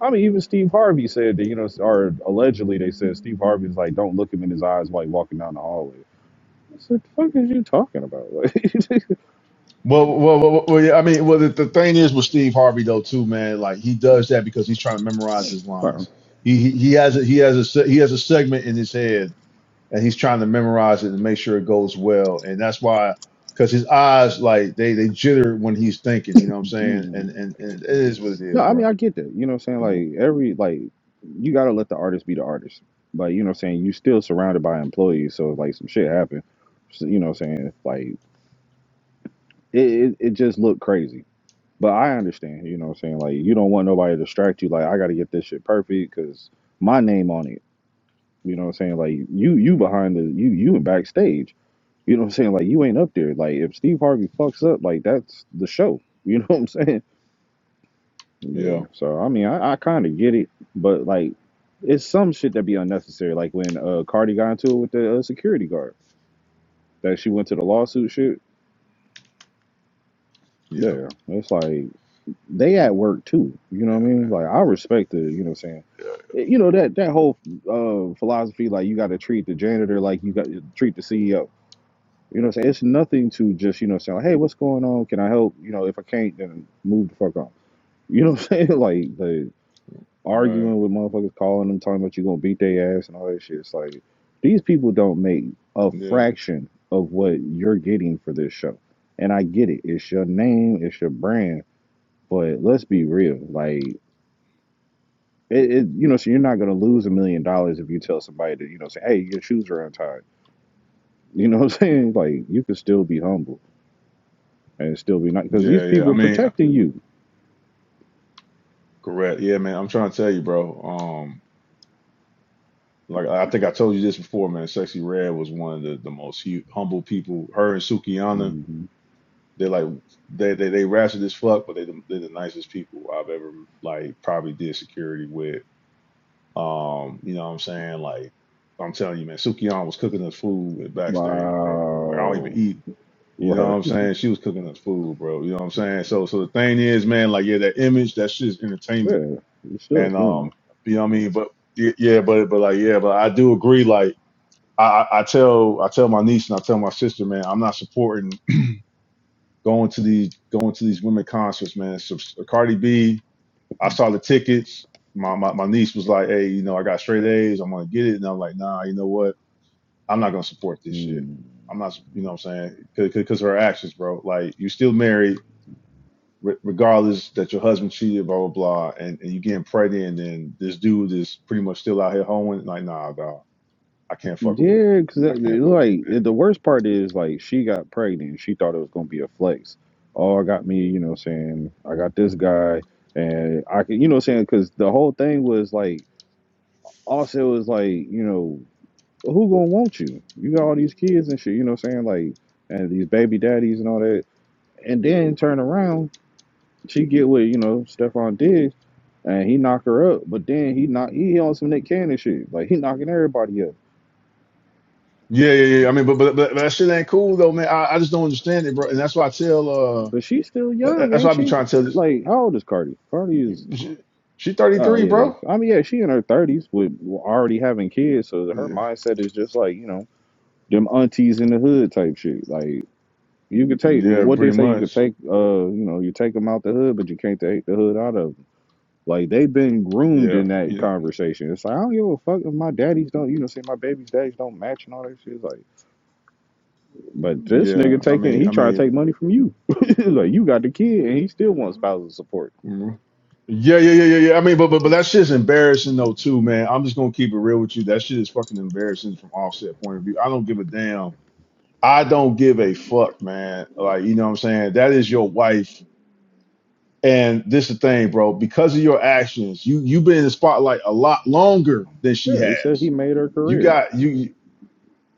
A: I mean, even Steve Harvey said that, you know, or allegedly they said Steve Harvey's like, don't look him in his eyes while you're walking down the hallway. I said, the fuck is you talking about?
B: Well, well, well, well, well, yeah. I mean, well, the, the thing is with Steve Harvey though, too, man. Like he does that because he's trying to memorize his
A: Like,
B: lines. He he, he has a he has a se- he has a segment in his head and he's trying to memorize it and make sure it goes well. And that's why, because his eyes like they they jitter when he's thinking. You know what I'm saying?
A: mm.
B: And and, and it is what it
A: no,
B: is,
A: I mean,
B: bro.
A: I get that. You know what I'm saying?
B: You know?
A: Like, every, like, you got to let the artist be the artist. Like, you know what I'm saying? you still surrounded by employees. So, like, some shit happened. So, you know what I'm saying? Like, it, it, it just looked crazy. But I understand, you know what I'm saying? Like, you don't want nobody to distract you. Like, I got to get this shit perfect because my name on it. You know what I'm saying? Like you you
B: hmm
A: behind the you you in backstage. You know what I'm saying? Like you ain't up there. Like if Steve Harvey fucks up, like that's the show. You know what I'm saying?
B: Yeah,
A: Yeah. So I mean I, I kinda get it, but like it's some shit that be unnecessary. Like when uh Cardi got into it with the uh, security guard. That she went to the lawsuit shit.
B: yeah,
A: Yeah. It's like they
B: Mm,
A: at work too. You know what I
B: yeah,
A: mean?
B: man.
A: Like I respect the you know what I'm saying
B: Yeah,
A: you know that that whole uh, philosophy like you got to treat the janitor like you got treat the CEO You know, what I'm saying it's nothing to just you know say, hey, what's going on? Can I help? You know, if I can't, then move the fuck on. You know, what I'm saying like the
B: right.
A: arguing with motherfuckers, calling them, talking about you gonna beat their ass and all that shit. It's like these people don't make a
B: Yeah,
A: fraction of what you're getting for this show, and I get it. It's your name, it's your brand, but let's be real, like. It, it, you know, so you're not gonna lose a million dollars if you tell somebody to, you know, say, "Hey, your shoes are untied." You know what I'm saying? Like, you can still be humble and still be nice because these
B: yeah, yeah.
A: people
B: I
A: are
B: mean,
A: protecting you.
B: correct. Yeah, man. I'm trying to tell you, bro. Um, like I think I told you this before, man. Sexy Red was one of the the most hu- humble people. Her and Sukianna
A: hmm
B: They're like they they they ratchet as fuck, but they the, they're the nicest people I've ever like probably did security with. Um, you know what I'm saying? Like I'm telling you, man, Sukion was cooking us food at backstage, bro. Like I don't even
A: Wow,
B: eat. You know what
A: right?
B: I'm saying? She was cooking us food, bro. You know what I'm saying? So so the thing is, man, like yeah, that image, that shit is entertainment,
A: Yeah, you're still
B: and um,
A: human.
B: you know what I mean? But y- yeah, but but like yeah, but I do agree, like. I, I I tell I tell my niece and I tell my sister, man, I'm not supporting going to these going to these women concerts, man. So so Cardi B, I saw the tickets. My, my my niece was like, "Hey, you know, I got straight A's. I'm gonna get it." And I'm like, "Nah, you know what? I'm not gonna support this shit.
A: Mm.
B: I'm not, you know, what I'm saying because of her actions, bro. Like, you still married." re- Regardless that your husband cheated, blah blah blah, and, and you getting pregnant, and this dude is pretty much still out here hoeing. Like, nah, dog, I can't fuck with it.
A: Yeah, because
B: I can't fuck.
A: like the worst part is like she got pregnant. She thought it was gonna be a flex. Oh, I got me, you know, what I'm saying I got this guy, and I can, you know, what I'm saying because the whole thing was like also it was like you know who gonna want you? You got all these kids and shit, you know, what I'm saying like and these baby daddies and all that, and then turn around. She get with you know Stephon Diggs, and he knock her up. But then he knock he on some Nick Cannon shit. Like he knocking everybody up.
B: With it. Yeah, yeah, yeah. I mean, but but but, that shit ain't cool though, man. I, I just don't understand it, bro. And that's why I tell. uh.
A: But she's still
B: That-
A: young,
B: That's
A: ain't
B: why I be
A: she?
B: trying to tell this.
A: Like how old is Cardi? Cardi is
B: She, she
A: oh
B: 33,
A: yeah.
B: bro.
A: I mean yeah, she in her thirties with already having kids. So her
B: Yeah,
A: mindset is just like you know them aunties in the hood type shit. Like you could take
B: yeah,
A: what they
B: pretty
A: say. You could
B: much.
A: take uh you know you take them out the hood, but you can't take the hood out of 'em. Like they've been groomed
B: Yeah,
A: in that
B: yeah,
A: conversation. It's like I don't give a fuck if my daddies don't, you know, say my baby's daddies don't match and all that shit. Like, but this
B: yeah.
A: nigga
B: I
A: taking,
B: mean,
A: he
B: I
A: trying to take
B: mean,
A: money from you. like you got the kid and he still wants spousal support.
B: mhm. yeah, yeah, yeah, yeah, yeah. I mean, but but but that shit's embarrassing though too, man. I'm just gonna keep it real with you. That shit is fucking embarrassing from offset point of view. I don't give a damn. I don't give a fuck, man. Like you know what I'm saying. That is your wife, and this is the thing, bro. Because of your actions, you you've been in the spotlight a lot longer than she
A: Yeah,
B: has.
A: he said he made her
B: You
A: career.
B: got you.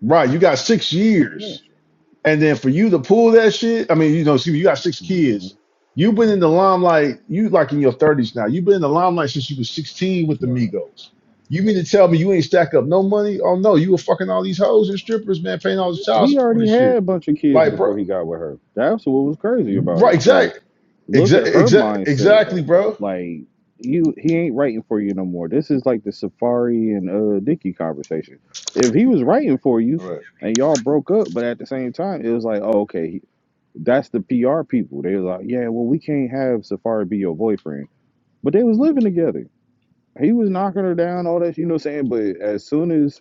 B: Right, you got six
A: Yeah.
B: years, and then for you to pull that shit. I mean, you know, excuse me, you got six
A: Mhm.
B: kids. You've been in the limelight. You like in your thirties now. You've been in the limelight since you was sixteen with the
A: Right.
B: Migos. You mean to tell me you ain't stack up no money? Oh no, you were fucking all these hoes and strippers, man, paying all this child
A: He
B: support
A: already
B: and
A: had
B: shit.
A: a bunch of kids
B: Like,
A: before
B: bro,
A: he got with her. That's what was crazy about
B: right?
A: it. So
B: Exact,
A: Look
B: exact,
A: at her
B: exact,
A: mindset
B: exactly,
A: though.
B: bro.
A: Like you, he ain't writing for you no more. This is like the Safari and uh Dicky conversation. If he was writing for you
B: Right,
A: and y'all broke up, but at the same time it was like, oh, okay, that's the PR people. They was like, yeah, well we can't have Safari be your boyfriend, but they was living together. He was knocking her down, all that, you know what I'm saying? But as soon as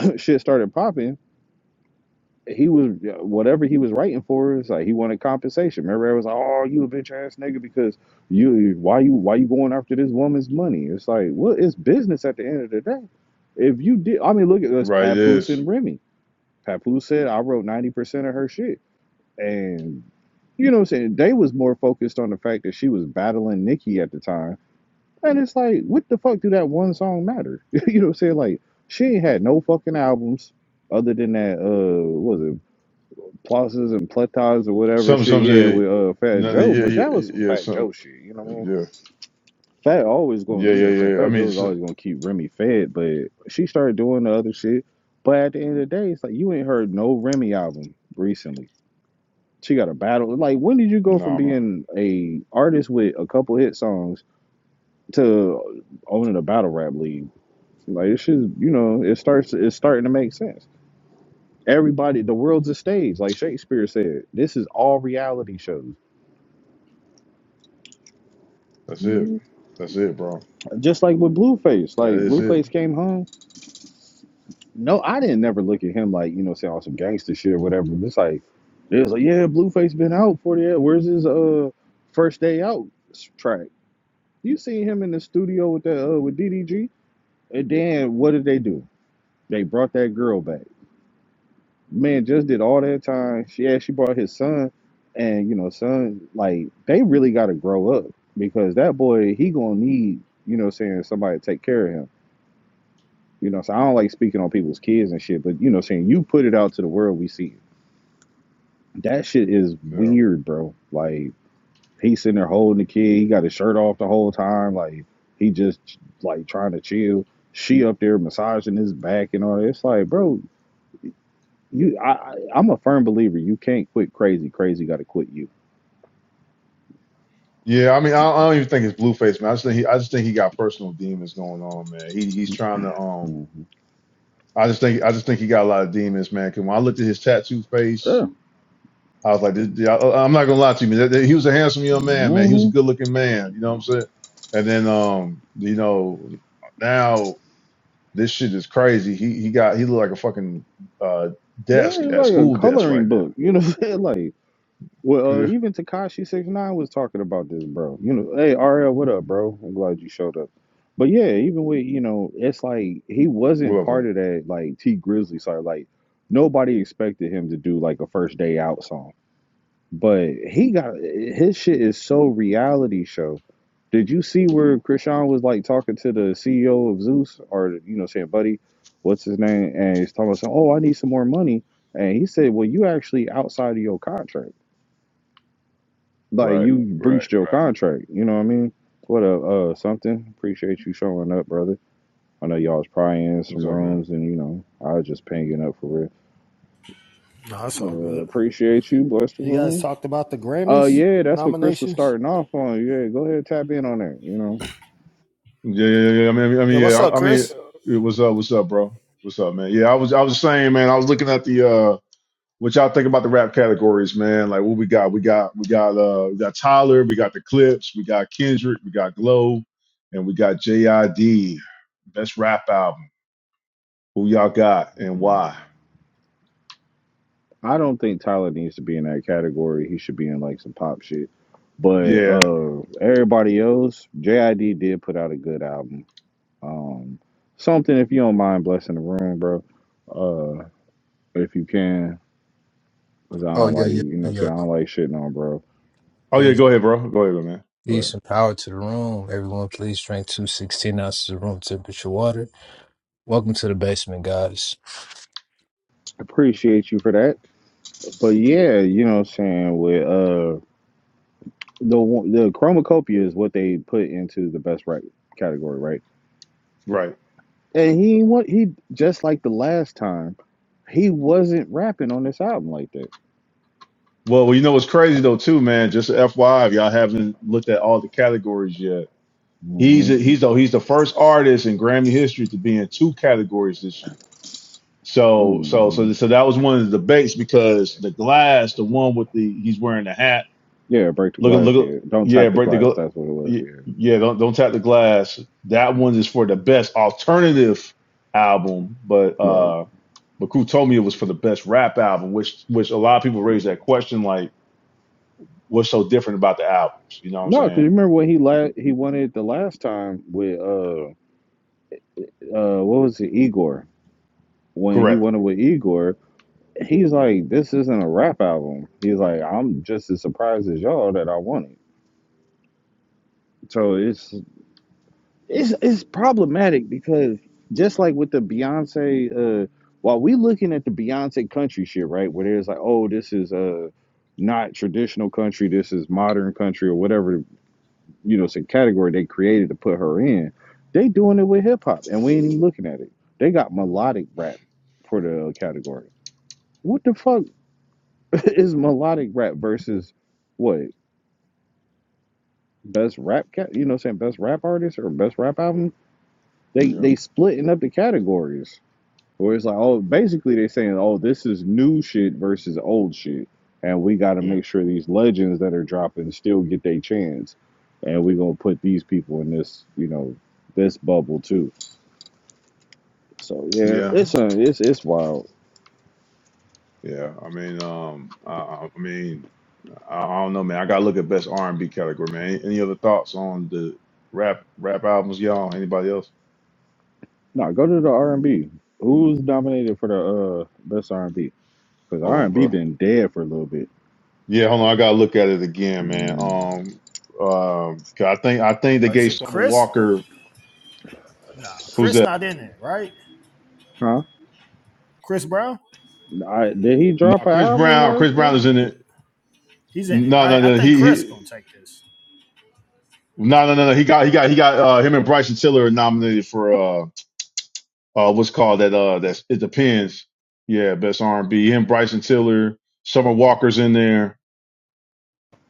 A: shit started popping, he was whatever he was writing for us. like he wanted compensation. Remember, I was like, "Oh, you a bitch ass nigga because you why you why you going after this woman's money?" It's like, well, it's business at the end of the day. If you did, I mean, look at us,
B: right. It
A: Papoose
B: is
A: and Remy. Papoose said, "I wrote ninety percent of her shit," and you know what I'm saying? They was more focused on the fact that she was battling Nikki at the time. And it's like, what the fuck do that one song matter? you know what I'm saying? Like, she ain't had no fucking albums other than that, uh, what was it? plazas and platas or whatever
B: some,
A: shit.
B: some,
A: Yeah,
B: yeah,
A: with uh Fat Joe,
B: yeah,
A: but
B: yeah,
A: that was some
B: yeah,
A: Fat
B: some,
A: Joe shit. You know what I mean?
B: yeah,
A: Fat always going,
B: yeah,
A: you
B: yeah,
A: know, what I'm saying
B: yeah. I
A: Fat
B: mean,
A: Joe's
B: it's,
A: always gonna keep Remy fed, but she started doing the other shit. But at the end of the day, it's like you ain't heard no Remy album recently. She got a battle. Like when did you go from
B: nah, man.
A: being a artist with a couple hit songs to owning a battle rap league? Like it's just, you know, it starts. It's starting to make sense. Everybody, the world's a stage. Like Shakespeare said, this is all reality shows
B: That's it. That's it, bro.
A: Just like with Blueface,
B: That
A: like
B: is it.
A: Blueface came home. No, I didn't never look at him like you know saying all some gangster shit or whatever. It's like it was like yeah, Blueface been out forty eight. Where's his uh first day out s- track? You seen him in the studio with the uh, with DDG, and then what did they do? They brought that girl back. Man, just did all that time. She yeah, she brought his son, and you know son like they really got to grow up because that boy he gonna need you know what I'm saying somebody to take care of him You know, so I don't like speaking on people's kids and shit, but you know, saying you put it out to the world, we see it. That shit is
B: Yeah.
A: weird, bro. Like he's sitting there holding the kid, he got his shirt off the whole time, like he just like trying to chill. She up there massaging his back and all. that. It's like, bro, you, I, I- I'm a firm believer. You can't quit crazy. Crazy got to quit you.
B: Yeah, I mean, I, I don't even think it's Blueface, man. I just think he, I just think he got personal demons going on, man. He he's trying to um.
A: hmm
B: I just think I just think he got a lot of demons, man. 'Cause when I looked at his tattoo face,
A: Yeah.
B: I was like, this, I, I'm not gonna lie to you, man. That- that- He was a handsome young man, man. He was a
A: hmm
B: good looking man. You know what I'm saying? And then um, you know, now this shit is crazy. He he got he look like a fucking uh
A: It's
B: desk at
A: like a
B: school desk
A: coloring
B: right now.
A: book. You know, what I'm saying? like Well, uh, even Takashi six nine was talking about this, bro. You know, hey RL, what up, bro? I'm glad you showed up. But yeah, even with you know, it's like he
B: Yeah.
A: wasn't
B: Well,
A: part
B: man.
A: of that like T Grizzly side. Like nobody expected him to do like a first day out song, but he got his shit is so reality show. Did you see where Krishan was like talking to the CEO of Zeus or you know saying, buddy, what's his name? And he's talking about, saying, oh, I need some more money. And he said, well, you actually outside of your contract. Like
B: Right,
A: you
B: right,
A: breached your
B: right.
A: contract. You know what I mean? What a uh something. Appreciate you showing up, brother. I know y'all was probably in
B: What's
A: some
B: up, man?
A: rooms, and you know I was just pinging up for real.
C: No, that's all
A: Uh,
C: good.
A: appreciate you. Bless the
C: You guys
A: room.
C: talked about the
A: Uh,
C: Grammys
A: yeah, that's what Chris was
C: nominations.
A: starting off on. Yeah, go ahead, tap in on that. You know,
B: Yeah, yeah, yeah. yeah. I mean, I
C: Yeah,
B: mean, yeah.
C: what's up,
B: I, I mean,
C: Chris?
B: yeah, what's up? What's up, bro? What's up, man? Yeah, I was, I was saying, man. I was looking at the uh, what y'all think about the rap categories, man. Like, what we got? We got, we got, uh, we got Tyler. We got the Clips. We got Kendrick. We got Glow, and we got JID. Best rap album. Who y'all got and why?
A: I don't think Tyler needs to be in that category. He should be in like some pop shit. But
B: Yeah.
A: uh, everybody else, JID did put out a good album. Um, something if you don't mind blessing the room, bro. Uh, if you can, because I
D: Oh
A: don't
D: yeah,
A: like,
D: yeah,
A: you know, what
D: yeah,
A: I'm
D: yeah.
A: saying I don't like shitting on, bro.
B: Oh yeah.
D: Peace,
B: Go ahead, bro. Go ahead, man. Go
D: peace,
B: ahead.
D: and power to the room. Everyone, please drink two sixteen ounces of room temperature water. Welcome to the basement, guys.
A: Appreciate you for that, but yeah, you know, what I'm saying with uh the one- the chromacopia is what they put into the best right category, right?
B: Right.
A: And he what he just like the last time he wasn't rapping on this album like that.
B: Well, well, you know what's crazy though, too, man. Just FYI, if y'all haven't looked at all the categories yet. He's
A: hmm
B: a, he's though he's the first artist in Grammy history to be in two categories this year. So so
A: hmm
B: so so that was one of the debates because the glass, the one with the he's wearing the hat,
A: Yeah, break the
B: look at
A: glass.
B: look,
A: Yeah,
B: at-
A: don't
B: yeah,
A: tap the
B: break the
A: glass.
B: gla-
A: That's what it was.
B: y-
A: Yeah,
B: yeah, don't don't tap the glass. That one is for the best alternative album, but
A: bro.
B: uh, but Crew told me it was for the best rap album, which which a lot of people raise that question, like what's so different about the albums? You know what I'm
A: No, because
B: saying?
A: you remember when he la- he wanted the last time with uh uh what was it Igor? when he
B: Correct.
A: went with Igor, he's like, "This isn't a rap album." He's like, "I'm just as surprised as y'all that I won it." So it's it's it's problematic because just like with the Beyonce, uh, while we looking at the Beyonce country shit, right, where there's like, "Oh, this is a uh, not traditional country. This is modern country or whatever you know, it's a category they created to put her in." They doing it with hip hop, and we ain't even looking at it. They got melodic rap for the category. What the fuck? is melodic rap versus what best rap cat you know what I'm saying best rap artist or best rap album they
B: Yeah,
A: they splitting up the categories where it's like oh basically they're saying oh this is new shit versus old shit and we got to
B: yeah,
A: make sure these legends that are dropping still get their chance and we gonna put these people in this you know this bubble too so yeah
B: yeah.
A: it's a it's it's wild
B: Yeah, I mean, um, I, I I mean, I, I don't know, man. I gotta look at best R and B category, man. Any any other thoughts on the rap rap albums, y'all? Anybody else?
A: no go to the R&B who's nominated for the uh best R&B because
B: Hold on,
A: R&B
B: bro.
A: been dead for a little bit
B: Yeah, hold on. I gotta look at it again, man.
A: Mm.
B: Um, um, 'cause I think I think they
C: Is
B: gave
C: it
B: Summer
C: Chris?
B: Walker.
C: Nah,
B: Who's
C: Chris
B: that?
C: not in it, right?
A: Huh?
C: Chris Brown?
A: I, did he drop
B: nah,
A: an
B: Chris
A: album
B: Brown.
A: last
B: Chris Brown
A: year?
B: is in it.
C: He's in it,
B: No, no,
C: right? I
B: no.
C: think
B: He
C: Chris
B: he.
C: gonna take this.
B: No, no, no, no. He got he got he got uh, him and Bryson Tiller are nominated for. uh, uh, what's called that. Uh, that's it depends. Yeah, best R and B. Him, Bryson Tiller, Summer Walker's in there.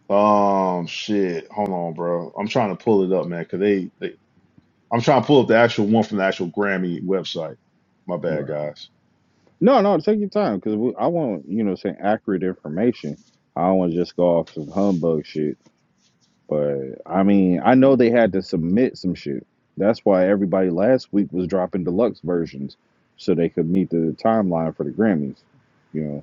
B: Um, shit. Hold on, bro. I'm trying to pull it up, man. Cause they, they, I'm trying to pull up the actual one from the actual Grammy website. My bad,
A: Bro.
B: guys.
A: No, no, take your time because I want, you know, saying accurate information. I don't want to just go off some humbug shit. But I mean, I know they had to submit some shit. That's why everybody last week was dropping deluxe versions so they could meet the timeline for the Grammys, you know.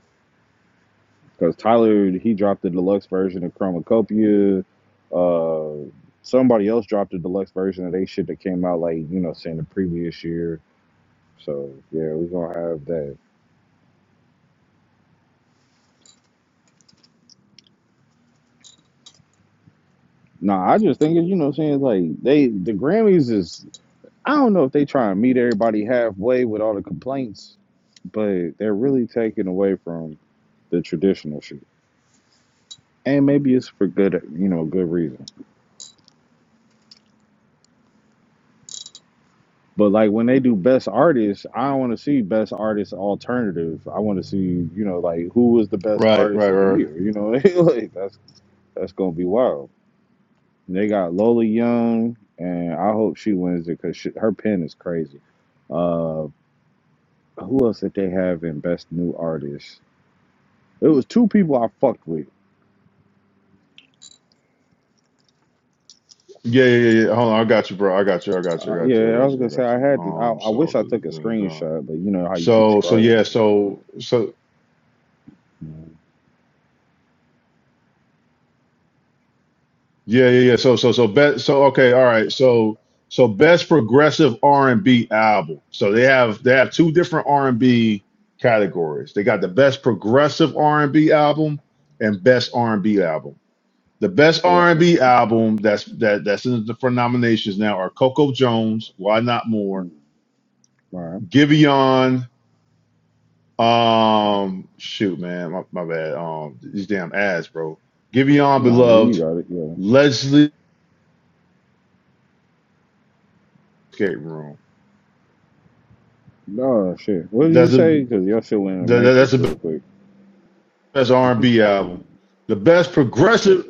A: because Tyler he dropped the deluxe version of Chromacopia. Uh, somebody else dropped the deluxe version of they shit that came out like you know saying the previous year. So yeah, we gonna have that. Nah, I just think you know what I'm saying like they the Grammys is I don't know if they try and meet everybody halfway with all the complaints, but they're really taking away from the traditional shit. And maybe it's for good you know good reason. But like when they do best artists, I don't want to see best artist alternative. I want to see you know like who was the best
B: Right,
A: artist
B: right,
A: of the
B: right.
A: year. You know like that's that's gonna be wild. And they got Lola Young, and I hope she wins it because her pen is crazy. Uh, who else did they have in best new artist? It was two people I fucked with.
B: Yeah, yeah, yeah. yeah. Hold on, I got you, bro. I got you. I got
A: Uh,
B: you. I got you. I
A: yeah, I
B: got
A: was
B: you. I
A: gonna say
B: got
A: I
B: you.
A: had to. I,
B: Um,
A: I wish
B: so,
A: I
B: duh,
A: took a
B: duh, duh, duh, duh.
A: screenshot, but you know how you be
B: so, so
A: scrolling
B: yeah,
A: and shit.
B: so, so. Yeah, yeah, yeah. So, so, so best. So, okay, all right. So, so best progressive R and B album. So they have they have two different R and B categories. They got the best progressive R and B album and best R and B album. The best
A: Right.
B: R and B album that's that that's in the for nominations now are Coco Jones, Why Not More,
A: All right.
B: Giveon. Um, shoot, man, my, my bad. Um, these damn ads, bro. Giveon,
A: No, yeah, you
B: Beloved,
A: got it. yeah.
B: Leslie Escape Room.
A: No shit. What did you say? Because your shit went in the
B: That, that- that's
A: matrix
B: the
A: real quick.
B: best R and B album. The best progressive.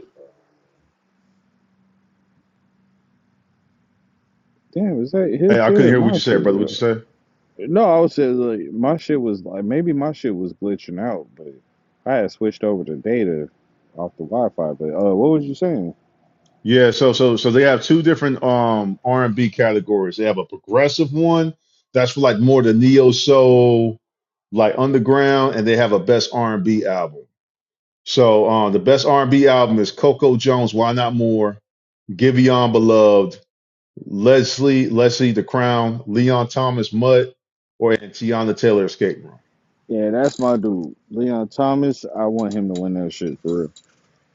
A: Damn, is that his
B: Hey, I
A: shit
B: couldn't
A: or
B: hear what
A: my
B: you
A: shit?
B: said, brother. What you say?
A: No, I was saying like my shit was like maybe my shit was glitching out, but I had switched over to data off the Wi-Fi. But uh, what was you saying?
B: Yeah. So so so they have two different um R and B categories. They have a progressive one that's for like more the neo soul, like underground, and they have a best R and B album. So um the best R and B album is Coco Jones. Why not more? Giveon Beloved, Leslie Leslie the Crown, Leon Thomas Mutt, or and Tiana Taylor Escape Room.
A: Yeah, that's my dude, Leon Thomas. I want him to win that shit for real.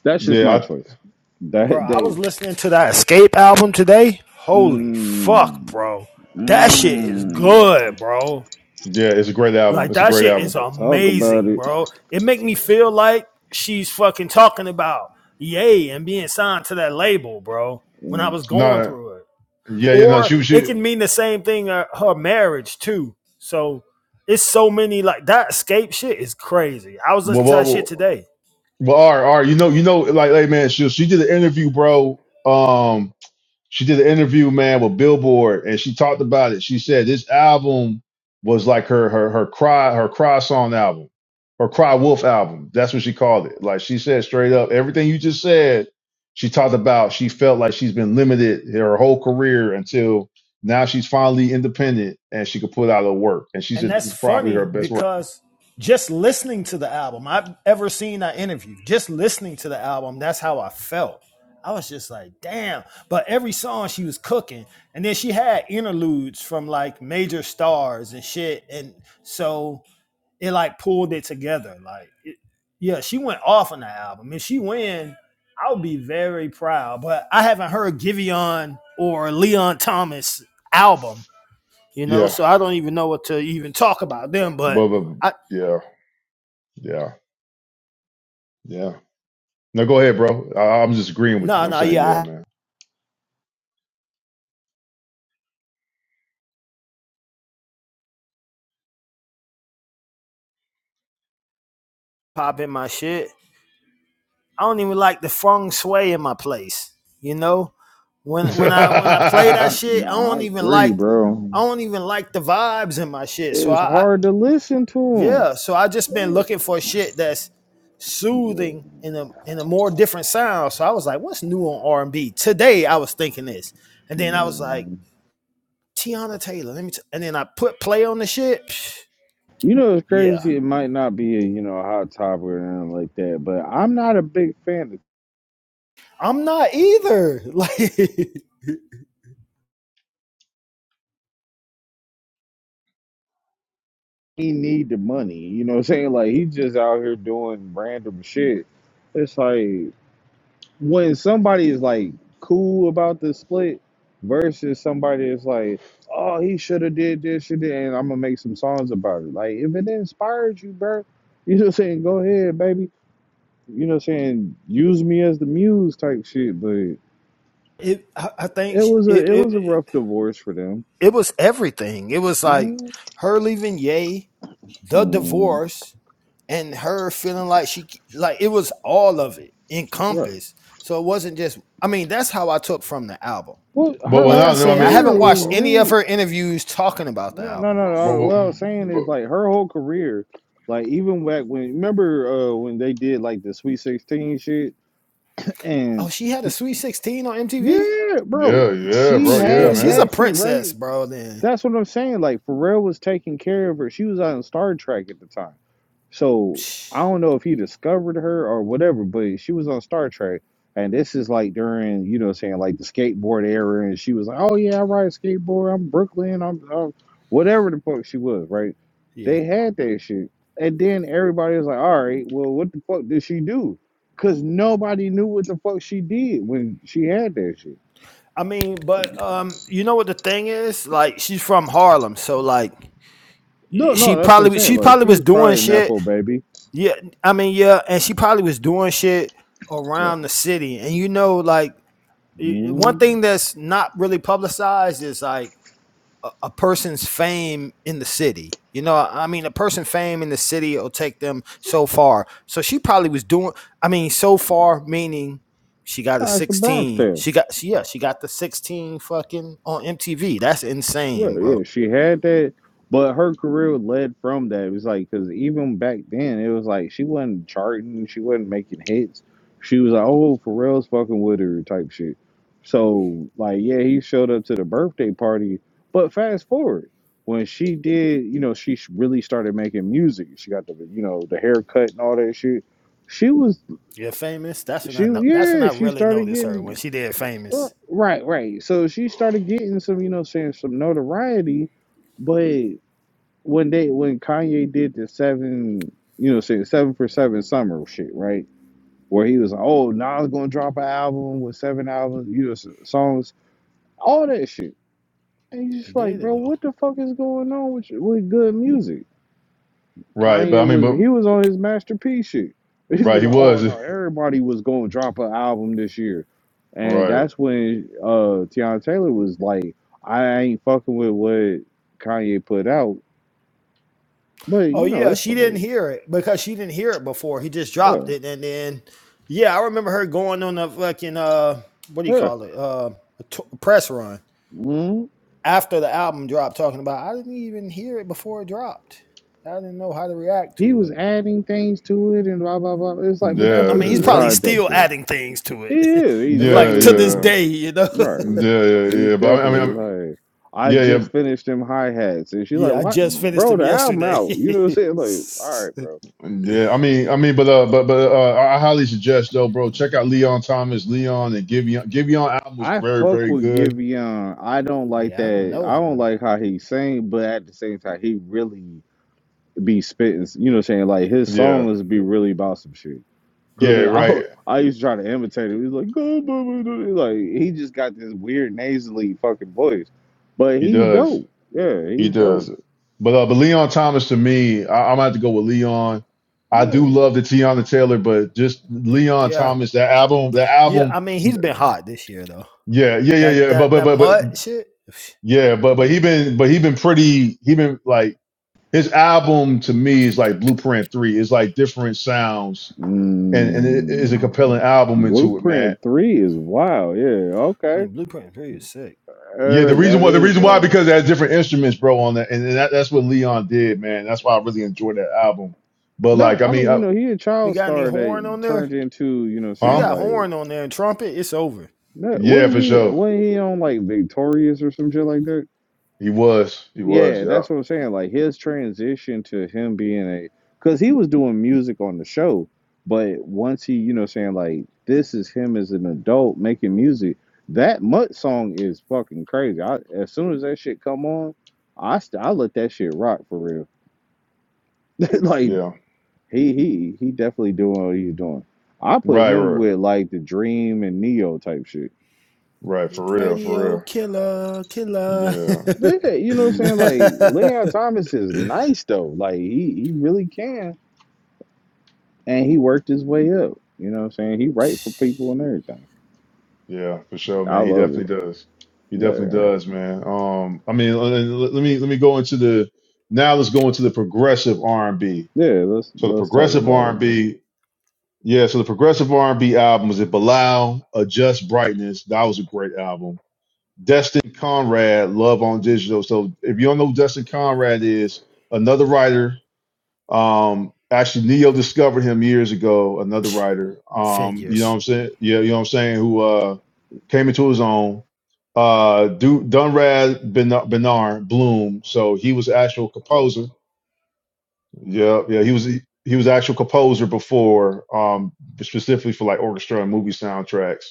A: That's just my
B: Yeah,
A: choice.
C: Bro,
A: That
C: I
A: day.
C: was listening to that Escape album today. Holy fuck,
A: Mmm.
C: bro. That shit is
A: Mmm.
C: good, bro.
B: Yeah, it's a great album.
C: Like
B: It's a
C: that
B: great
C: shit is
B: album.
A: Talk about
C: amazing,
A: it.
C: bro. It make me feel like she's fucking talking about yay and being signed to that label, bro. When I
A: Nah,
C: was going
B: No,
C: through it.
B: yeah, you know
C: or
B: she
C: it
B: she
C: can mean the same thing uh, her marriage too. So it's so many like that escape shit is crazy. I was
B: well
C: listening to
B: well
C: that shit
B: well
C: today,
B: well, all right, all right, you know, you know, like hey man, she she did an interview, bro. Um she did an interview, man, with Billboard, and she talked about it. She said this album was like her her her cry her cry song album, her cry wolf album. That's what she called it. Like she said straight up, everything you just said. She talked about she felt like she's been limited her whole career until now she's finally independent and she could put out her work. And she
C: and
B: said this
C: that's
B: is probably her
C: funny
B: best work.
C: because just listening to the album, I've ever seen that interview. Just listening to the album, that's how I felt. I was just like, damn. But every song she was cooking, and then she had interludes from like major stars and shit, and so. it like pulled it together. Like, it, yeah, she went off on the album. If she win, I'll be very proud. But I haven't heard Giveon or Leon Thomas album, you know,
B: Yeah,
C: so I don't even know what to even talk about them. But
B: but, but
C: I
B: yeah, yeah, yeah. No, go ahead, bro. I, I'm just agreeing with you.
C: no
B: I'm
C: no
B: saying
C: yeah,
B: yeah,
C: I
B: man.
C: pop in my shit. I don't even like the feng shui in my place, you know. When when I when I play that shit, I
A: I
C: don't even
A: agree,
C: like
A: bro.
C: I don't even like the vibes in my shit. So
A: It's
C: I, I
A: hard to listen to him.
C: Yeah, so I just been
A: Ooh,
C: looking for shit that's
A: no,
C: soothing in a in a more different sound. So I was like, "What's new on R and B today?" I was thinking this, and then I was like,
A: man.
C: "Tiana Taylor." Let me, t-. and then I put play on the shit. Psh,
A: You know, it's
C: yeah,
A: crazy. It might not be a you know a hot topic or anything like that, but I'm not a big fan of.
C: I'm not either. Like it,
A: He need the money. You know what I'm saying? Like he's just out here doing random shit. It's like when somebody is like cool about the split versus somebody is like, oh, he should have did this, should and I'm gonna make some songs about it. Like if it inspires you, bro, you know what I'm saying? Go ahead, baby. You know what I'm saying? Use me as the muse type shit, but.
C: I, I think
A: It was a
C: it
A: it
C: it
A: was a rough divorce for them.
C: it was everything. It was
A: mm
C: like her leaving Yay, the
A: Right.
C: divorce. and her feeling like she like it was all of it encompassed. So it wasn't just I mean, that's how I took from the album.
A: Well,
B: But
A: her
B: well,
C: Like I
A: whole
B: not. No, I
C: say, I
A: career
C: haven't
A: was
C: watched
B: mean,
C: any of
A: really
C: her interviews talking about the
A: no no
C: album.
A: no
B: but,
A: no.
B: but,
A: What I was saying is
B: but
A: like her whole career, like even back when remember uh, when they did like the Sweet Sixteen shit
C: Oh,
A: and
C: she had a sweet 16 on MTV?
A: yeah, bro,
B: yeah, yeah,
A: she
B: bro, yeah,
C: Yeah,
A: had
C: she's a
B: man.
A: that shit
C: princess,
A: right.
C: bro, then.
A: That's what I'm saying. Like Pharrell was taking care of her. She was on Star Trek at the time. So I don't know if he discovered her or whatever, but she was on Star Trek. And this is like during, you know, what I'm saying like the skateboard era, and she was like, "Oh yeah, I ride a skateboard. I'm Brooklyn. I'm, I'm whatever the fuck she was, right?"
C: Yeah.
A: They had that shit, and then everybody was like, "All right, well, what the fuck did she do?" Cause nobody knew what the fuck she did when she had that shit.
C: I mean, but um, you know what the thing is? Like she's from Harlem, so like
A: No, no,
C: she
A: that's what I'm
C: probably
A: saying.
C: she
A: Like
C: probably was
A: she's
C: doing
A: probably a
C: shit.
A: nepo baby.
C: Yeah, I mean, yeah, and she probably was doing shit
A: Right.
C: around the city. And you know, like one
A: Mm,
C: thing that's not really publicized is like a, a person's fame in the city. You know, I mean, a person's fame in the city will take them so far. So she probably was doing. I mean, so far meaning she got a
A: nah, it's a Bronx
C: sixteen.
A: tale.
C: She got she, yeah, she got the sixteen fucking on MTV. That's
A: Well,
C: insane,
A: yeah,
C: bro.
A: she had that, but her career led from that. It was like because even back then, it was like she wasn't charting, she wasn't making hits. She was like, "Oh, Pharrell's fucking with her" type shit. So, like, yeah, he showed up to the birthday party. But fast forward, when she did, you know, she sh- really started making music. She got the, you know, the haircut and all that shit. She was,
C: Yeah, famous. That's when I
A: she
C: know. That's when
A: yeah,
C: I
A: she
C: really
A: started
C: noticed her
A: getting
C: when she did famous.
A: right, right. So she started getting some, you know, saying some notoriety. But when they when Kanye did the seven, you know, say seven for seven summer shit, right? Where he was like, oh, Nas gonna drop an album with seven albums, you know, s- songs, all that shit. And you
C: She
A: just like,
C: did it
A: bro,
C: though.
A: what the fuck is going on with you- with good music?
B: Right, but
A: Kanye
B: I mean,
A: was
B: but
A: he was on his masterpiece shit. He was
B: right, he
A: like, oh
B: was
A: no, everybody was gonna drop an album this year, and
B: right.
A: that's when uh Tiana Taylor was like, I ain't fucking with what Kanye put out. But
C: Oh
A: you know,
C: yeah,
A: it's
C: she didn't
A: like,
C: hear it because she didn't hear it before. He just dropped
A: bruh,
C: it, and then yeah, I remember her going on a fucking uh, what do you
A: huh.
C: call it? Uh, a t- press run
A: Mhm.
C: after the album dropped, talking about I didn't even hear it before it dropped. I didn't know how to react
A: He
C: to
A: was
C: it.
A: adding things to it and blah blah blah. It's like, but that's
C: I
B: Yeah,
C: mean,
A: what
C: he's
A: you
B: yeah,
C: probably
A: signed up
C: still
A: for.
C: adding things to
A: He
C: it, It
A: is. He
C: was
B: yeah,
C: like
A: definitely
C: to this
B: yeah,
A: is.
C: day, you know.
A: Right.
B: yeah, yeah.
A: He's
B: yeah. But I mean,
A: definitely
B: I mean,
A: like, I
B: yeah, yeah,
A: just finished them hi hats, and she's like,
C: yeah, I
A: "What,
C: just finished
A: bro?
C: him
A: The album
C: yesterday.
A: out." You know what I'm saying? Like, all right, bro.
B: yeah. I mean, I mean, but uh, but but uh, I I highly suggest though, bro, check out Leon Thomas, Leon, and Giveon. Giveon album was
A: I
B: very,
A: fuck
B: very
A: with
B: good.
A: Giveon. I don't like
C: yeah, I don't
A: that.
C: know
A: I don't
C: him.
A: like how he sing, but at the same time, he really be spitting. You know what I'm saying? Like his
B: Yeah,
A: songs be really about some shit. Cause
B: yeah,
A: I
B: right.
A: I used to try to imitate him. He's like, "Go, boo, boo, boo." like he just got this weird nasally fucking voice, but
B: He
A: he's
B: does.
A: dope. Yeah,
B: He
A: he's
B: does.
A: dope.
B: But uh, but Leon Thomas to me, I, I'm gonna have to go with Leon. I
A: Yeah.
B: do love the Tiana Taylor, but just Leon
C: Yeah,
B: Thomas, that album, that
C: yeah.
B: album,
C: I mean, he's been hot this year though.
B: yeah, yeah, yeah,
C: That
B: yeah. But
C: that
B: but
C: that
B: but but
C: mud shit.
B: yeah, but but he been but he been pretty he been like his album to me is like Blueprint Three. It's like different sounds and and it is a
A: Mm,
B: compelling album into it, man.
A: Blueprint three is wild. Yeah.
C: I
A: Okay.
C: mean, Blueprint and Fury is sick.
A: Uh,
B: Yeah, the reason
A: that
B: why the
A: is
B: reason why
A: wild.
B: because it has different instruments, bro, on that, and that, that's what Leon did, man. That's why I really enjoyed that album. But
A: No,
B: like, I
A: I mean
B: mean,
A: you
B: uh,
A: know he a
C: You
A: child
C: got any
A: star
C: horn
A: that
C: on there?
A: turned into you know what
C: You
A: I'm saying
B: huh?
C: got
A: like
C: horn on there and trumpet, it's over.
A: no,
B: Yeah,
A: wasn't
B: for
A: he
B: sure.
A: wasn't he on like Victorious or some shit like that?
B: He was. He was.
A: Yeah,
B: Yeah.
A: that's what I'm saying. Like his transition to him being a, because he was doing music on the show, but once he, you know, saying like this is him as an adult making music. That Mutt song is fucking crazy. I as soon as that shit come on, I st- I let that shit rock for real. like
B: Yeah.
A: he he he definitely doing what he's doing. I put
B: Right.
A: him
B: Right.
A: with like the Dream and Neo type shit.
B: Right. For real. For
C: Radio
B: real.
C: killer, killer.
B: Yeah.
A: Yeah, you know what I'm
B: Yeah.
A: saying? Like Leon Thomas is nice though. Like he he really can. and he worked his way up. You know what I'm saying? He write for people and everything.
B: Yeah, For sure,
A: I
B: man. He
A: love it.
B: definitely does. He definitely
A: There.
B: does, man. Um. I mean, let, let- let me let me go into the now. Let's go into the progressive R and B.
A: Yeah, let's
B: So the
A: let's talk
B: progressive
A: about
B: R
A: it.
B: and B. Yeah. So the progressive R and B album was it Bilal, Adjust Brightness. That was a great album. Destin Conrad, Love on Digital. So if you don't know who Destin Conrad is, another writer. Um, actually, Neo discovered him years ago. Another writer, um, you know what
C: Figures.
B: I'm saying? Yeah, you know what I'm saying? Who uh, came into his own? Uh, Du Dunrad Ben- Bernard Bloom. So he was actual composer. Yeah, yeah, he was he was actual composer before, um, specifically for like orchestra and movie soundtracks.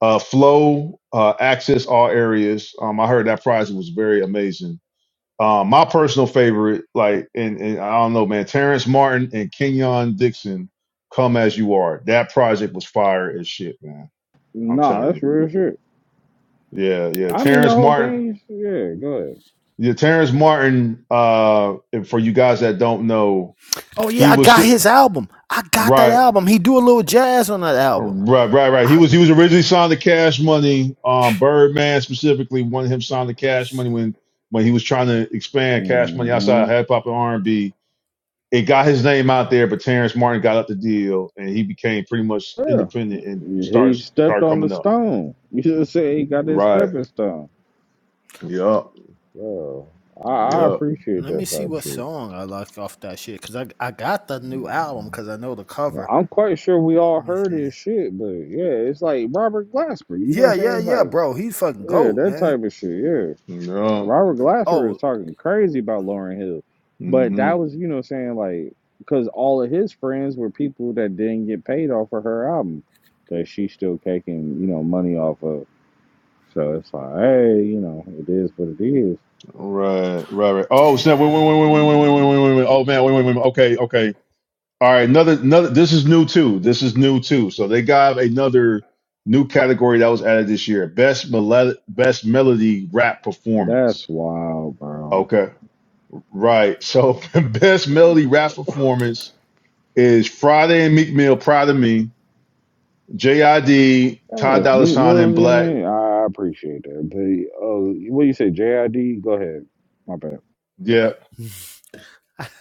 B: Uh, flow, uh, access all areas. Um, I heard that project was very amazing um, my personal favorite, like, and, and I don't know, man, Terrence Martin and Kenyon Dixon, "Come as You Are." That project was fire as shit, man. I'm
A: Nah,
B: telling
A: that's
B: you.
A: real shit.
B: Yeah, yeah.
A: I mean the
B: Terrence
A: whole
B: Martin.
A: thing is- yeah, go ahead.
B: Yeah, Terrence Martin. Uh, and for you guys that don't know,
C: Oh
B: he
C: yeah, I
B: was
C: got
B: si,
C: his album. I got that
B: right,
C: album. He do a little jazz on that album.
B: right, right, right. He
C: I
B: was he was originally signed to Cash Money. Um, Birdman specifically wanted him signed to Cash Money when when he was trying to expand Cash Money outside
A: hmm
B: of hip hop and R and B it got his name out there, but Terrence Martin got up the deal, and he became pretty much
A: Yeah.
B: independent and
A: He
B: started
A: stepped
B: started
A: on the
B: coming up.
A: stone. You should say he got his
B: Right.
A: stepping stone.
B: Yup.
A: Well, I, I
C: let me,
B: Yup.
A: appreciate
C: let me
A: that
C: see
A: type of
C: what
A: shit.
C: song I like off that shit because I I got the new album because I know the cover.
A: I'm quite sure we all
C: Let me
A: heard
C: see.
A: his shit, but yeah, it's like Robert Glasper. You know what I'm
C: Yeah,
A: saying?
C: yeah,
A: It's
C: yeah,
A: like,
C: bro. He's fucking
A: yeah,
C: goat,
A: that
C: man.
A: type of shit. yeah.
B: Yup.
A: Robert Glasser is
C: Oh
A: talking crazy about Lauren Hill, but
B: Mm-hmm.
A: that was, you know, saying like because all of his friends were people that didn't get paid off of her album that she's still taking, you know, money off of. So it's like, hey, you know, it is what it is.
B: Right. Right. Right. Oh snap! Wait. Wait. Wait.
C: damn.
B: Wait. Wait. Wait. Wait.
A: Mm,
B: Wait. Wait. Wait. Oh man. Wait. Wait. Wait. wait. Okay. Okay. All right. Another. Another. This is new too. This is new too. So they got another new category that was added this year: best melodic, best melody rap
A: That's
B: performance.
A: wild, bro.
B: Okay. Right. So best melody rap performance is Friday and Meek Mill, Proud of Me, JID, Ty
A: Hey, if
B: Dolla
A: Meat
B: Sign, and
A: Mill's in
B: Black.
A: it, I appreciate that. But uh, what do you say, JID? Go ahead. My bad.
B: Yep,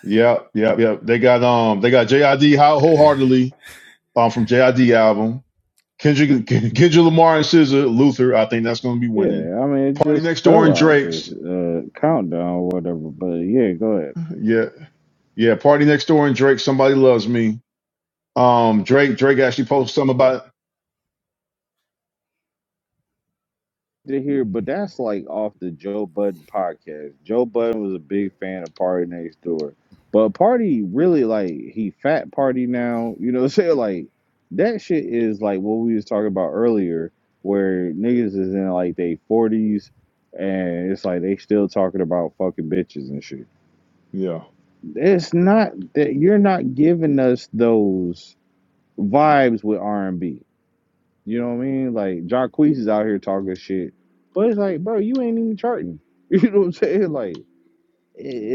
B: yep, yep, yep. They got um, they got JID Ho- wholeheartedly um from JID album. Kendrick, Kendrick Lamar and SZA, Luther. I think that's going to be winning.
A: Yeah, I mean, it
B: Party
A: just
B: Next Door
A: fell
B: and
A: out this
B: Drake's.
A: uh, countdown or whatever. But yeah, go ahead.
B: Yeah, yeah. Party Next Door and Drake. Somebody loves me. Um, Drake, Drake actually posted something about. it.
A: To hear, but that's like off the Joe Budden podcast. Joe Budden was a big fan of Party Next Door, but Party really like he fat Party now. You know, what I'm saying like that shit is like what we was talking about earlier, where niggas is in like they forties and it's like they still talking about fucking bitches and shit.
B: Yeah.
A: It's not that you're not giving us those. vibes with R and B. You know what I mean? Like Jacquees is out here talking shit, but it's like, bro, you ain't even charting. You know what I'm saying? Like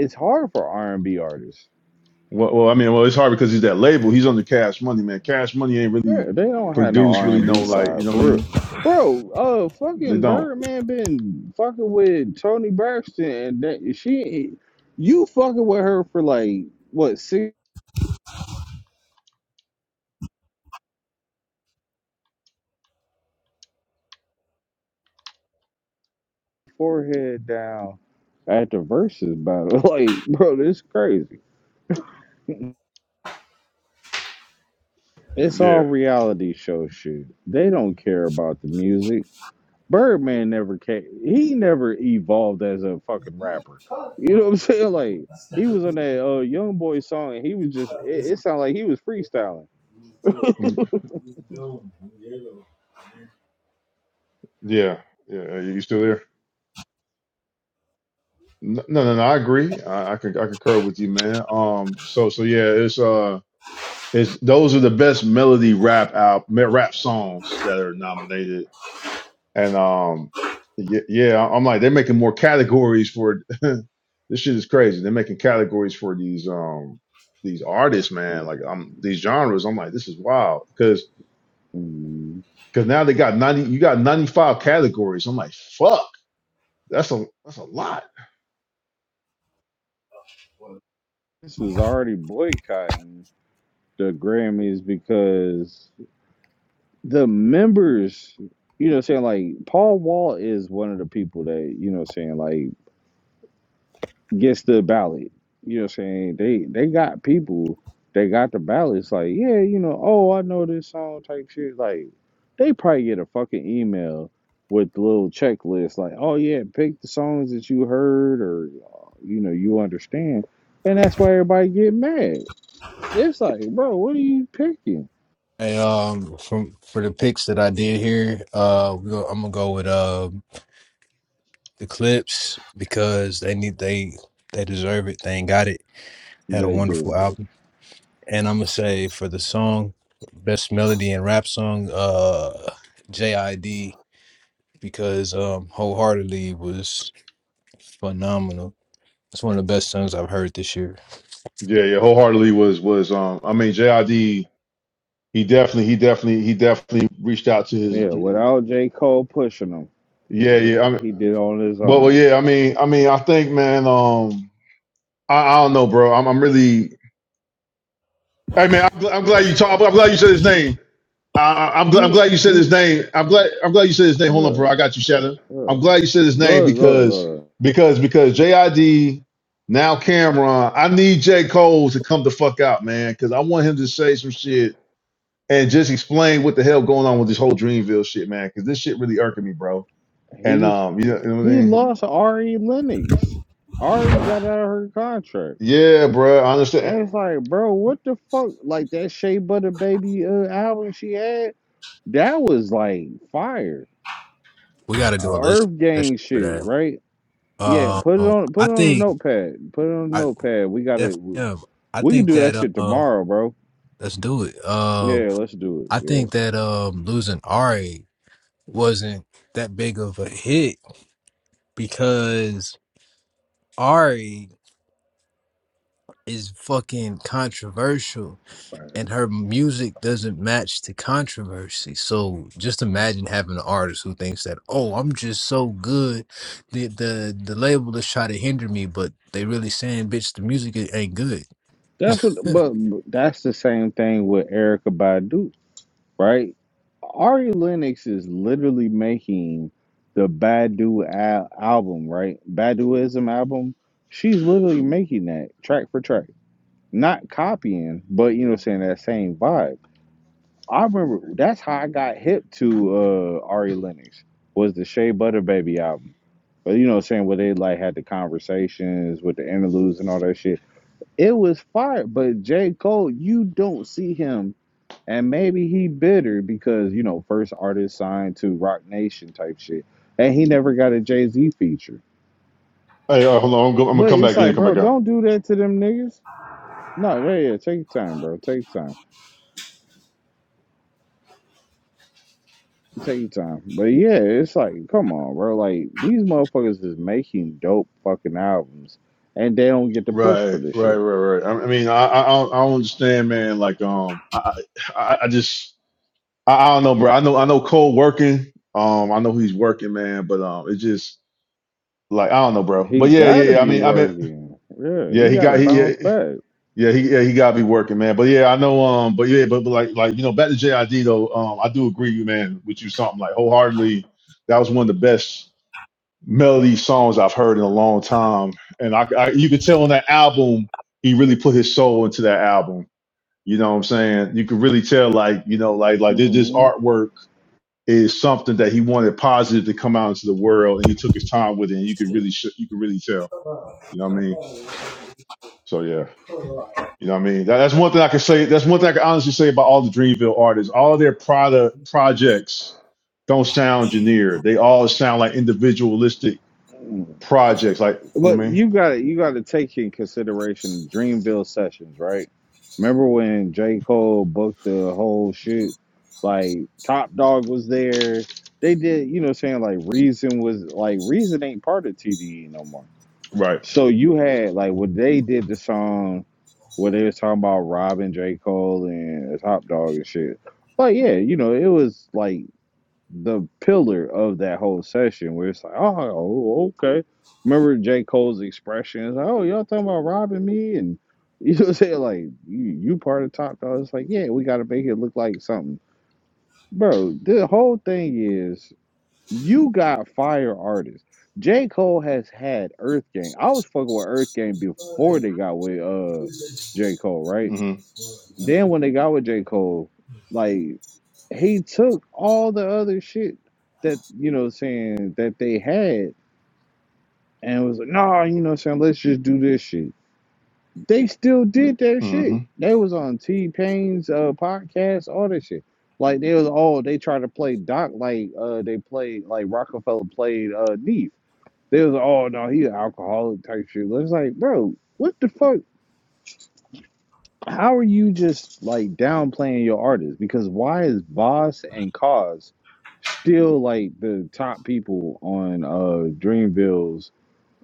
A: it's hard for R and B artists.
B: Well, well, I mean, well, it's hard because he's that label. He's under Cash Money, man. Cash Money ain't
A: They
B: really
A: they don't have no
B: produced,
A: R
B: really
A: and
B: no
A: B
B: like, you
A: side
B: know what I
A: for
B: mean?
A: real. Bro, uh,
B: They
A: fucking
B: don't.
A: Birdman been fucking with Tony Braxton, and that she, you fucking with her for like what six forehead down at the verses battle, like bro, this is crazy. It's all
B: Yeah.
A: reality show shit. They don't care about the music. Birdman never came. He never evolved as a fucking rapper. You know what I'm saying? Like he was on that uh, Young Boy song, and he was just. It, it sounded like he was freestyling.
B: Mm, Yeah. Yeah. Are you still there? No, no, no. no, I agree. I, I can I concur with you, man. Um. So so yeah. It's uh. It's those are the best melody rap out rap songs that are nominated. And um. Yeah. yeah I'm like they're making more categories for this shit is crazy. They're making categories for these um these artists, man.
A: Like,
B: Like I'm these genres. I'm like this is wild because
A: mm,
B: because now they got ninety. You got ninety five categories. I'm like fuck. That's a that's a lot.
A: This is already boycotting the Grammys because the members. You know, what I'm saying like Paul Wall is one of the people that you know, what I'm saying like gets the ballot. You know what I'm saying? They they got people they got the ballots like, yeah, you know, oh I know this song type shit. Like they probably get a fucking email with the little checklist like, oh yeah, pick the songs that you heard or uh, you know, you understand. And that's why everybody get mad. It's like, bro, what are you picking?
D: Hey, um, from for the picks that I did here, uh, we go, I'm gonna go with uh the Clips because they need they they deserve it. They ain't got it. Had a
A: They do.
D: wonderful album, and I'm gonna say for the song, best melody and rap song, uh, JID because um wholeheartedly was phenomenal It's one of the best songs I've heard this year.
B: Yeah, yeah, wholeheartedly was was um I mean JID he definitely he definitely he definitely reached out to his
A: Yeah, without J. Cole pushing him.
B: yeah yeah I mean
A: He did on his
B: but well,
A: own.
B: yeah I mean I mean I think man um I, I don't know bro I'm I'm really hey man I'm, gl- I'm glad you talk I'm glad you said his name I, I- I'm glad I'm
A: He
B: glad you said his
A: he
B: name I'm glad I'm glad you said his name hold on bro
A: yeah,
B: I got you Shannon
A: yeah.
B: I'm
A: Go
B: glad you said his
A: ahead, go
B: name
A: ahead, go
B: because
A: ahead.
B: because because JID now Cameron I need J Cole to come the fuck out man because I want him to say some shit and just explain what the hell going on with this whole Dreamville shit, man. Because this shit really irking me, bro. And
A: He's
B: um, you know, you know what I
A: he
B: mean?
A: lost Ari Lennox. Ari got out of her contract.
B: Yeah, bro. I understand.
A: And it's like, bro, what the fuck? Like that Shea Butter Baby uh, album she had, that was like fire.
D: We got to do a list
A: Earth Gang
D: for
A: shit,
D: that.
A: right? Yeah, put it
D: Um,
A: on
D: I
A: put it on the
D: think
A: notepad. Put it on the
D: I
A: notepad. We got
D: F
A: it. We,
D: M. I
A: we can
D: think
A: do that
D: that
A: shit
D: uh,
A: tomorrow, bro.
D: let's do it. Um,
A: Yeah, let's do it.
D: I
A: Yeah,
D: think that um, losing Ari wasn't that big of a hit because Ari is fucking controversial.
A: facts.
D: and her music doesn't match the controversy. So just imagine having an artist who thinks that, oh, I'm just so good. The the the label is trying to hinder me, but they really saying, bitch, the music ain't good.
A: That's what
D: With
A: but, but that's the same thing with Erica Badu. right? Ari Lennox is literally making the Badu al- album, right? Baduism album. She's literally making that track for track, not copying, but you know, what I'm saying that same vibe. I remember that's how I got hip to uh, Ari Lennox was the Shea Butter Baby album. But you know, what I'm saying where they like had the conversations with the interludes and all that shit. It was fire. But J Cole, you don't see him and maybe he bitter because, you know, first artist signed to Roc Nation type shit. And he never got a Jay Z feature.
B: Hey, uh, hold on. I'm, go, I'm gonna
A: But
B: come
A: it's
B: back in
A: like,
B: and come
A: bro,
B: back out.
A: don't do that to them niggas. No, yeah, yeah, take your time, bro. Take your time. Take your time. But yeah, it's like, come on, bro. Like, these motherfuckers is making dope fucking albums and they don't get the push
B: Right,
A: for this
B: right, right,
A: shit.
B: right. I, I mean, I, I, I don't I don't understand, man. Like, um, I, I, I just, I, I don't know, bro. I know, I know Cole working. Um, I know he's working, man. But um, it's just like I don't know, bro.
A: He
B: But yeah, yeah,
A: gotta
B: yeah. I
A: be
B: mean, I mean,
A: working. Yeah,
B: yeah,
A: he
B: he
A: gotta
B: got he.
A: bounce
B: Yeah.
A: back.
B: Yeah, he yeah, he got me working, man. But yeah, I know um but yeah, but, but like like you know, back to JID though, um I do agree you man with you something like wholeheartedly. That was one of the best melody songs I've heard in a long time. And I, I you could tell on that album he really put his soul into that album. You know what I'm saying? You could really tell like, you know, like like this, this
A: Mhm.
B: artwork is something that he wanted positive to come out into the world and he took his time with it and you could really sh- you could really tell. You know what I mean? So yeah. You know what I mean? That, that's one thing I can say. That's one thing I can honestly say about all the Dreamville artists. All of their product projects don't sound engineered. They all sound like individualistic projects. Like you know what
A: But
B: I mean?
A: you got to you got to take in consideration Dreamville sessions, right? Remember when J. Cole booked the whole shit? Like Top Dog was there. They did, you know, what I'm saying like Reason was like Reason ain't part of TDE no more.
B: Right.
A: So you had like when they did the song where they was talking about robbing J. Cole and Top Dog and shit. Like yeah, you know, it was like the pillar of that whole session where it's like, oh, oh, okay. Remember J. Cole's expression? It's like, oh, y'all talking about robbing me? And you know what I'm saying? Like, you, you part of Top Dog. It's like, yeah, we got to make it look like something. Bro, the whole thing is you got fire artists. J. Cole has had Earth Gang. I was fucking with Earth Gang before they got with uh J. Cole, right?
B: Mm-hmm.
A: Then when they got with J. Cole, like he took all the other shit that you know what I'm saying that they had and was like, nah, you know what I'm saying, let's just do this shit. They still did that
B: Mm-hmm.
A: shit. They was on T Pain's uh podcast, all that shit. Like they was all they tried to play Doc like uh they played like Rockefeller played uh Neef. They was all no, he an alcoholic type shit. It's like, bro, what the fuck? how are you just like downplaying your artists? Because why is Voss and Cause still like the top people on uh Dreamville's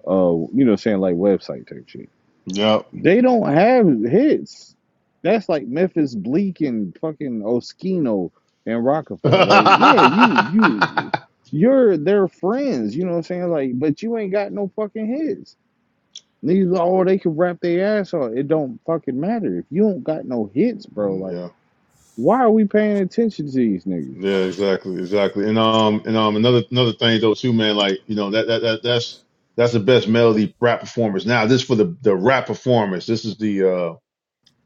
A: uh you know saying like website type shit?
B: Yep.
A: They don't have hits. That's like Memphis Bleak and fucking Oskino and Rockefeller. Like, yeah, you you you're their friends, you know what I'm saying? Like, but you ain't got no fucking hits. Niggas, all they can rap their ass off. It don't fucking matter if you don't got no hits, bro. Like,
B: yeah.
A: why are we paying attention to these niggas?
B: Yeah. Exactly. Exactly. And um and um another another thing though too, man. Like you know that that, that that's that's the best melody rap performance. Now this for the the rap performance. This is the uh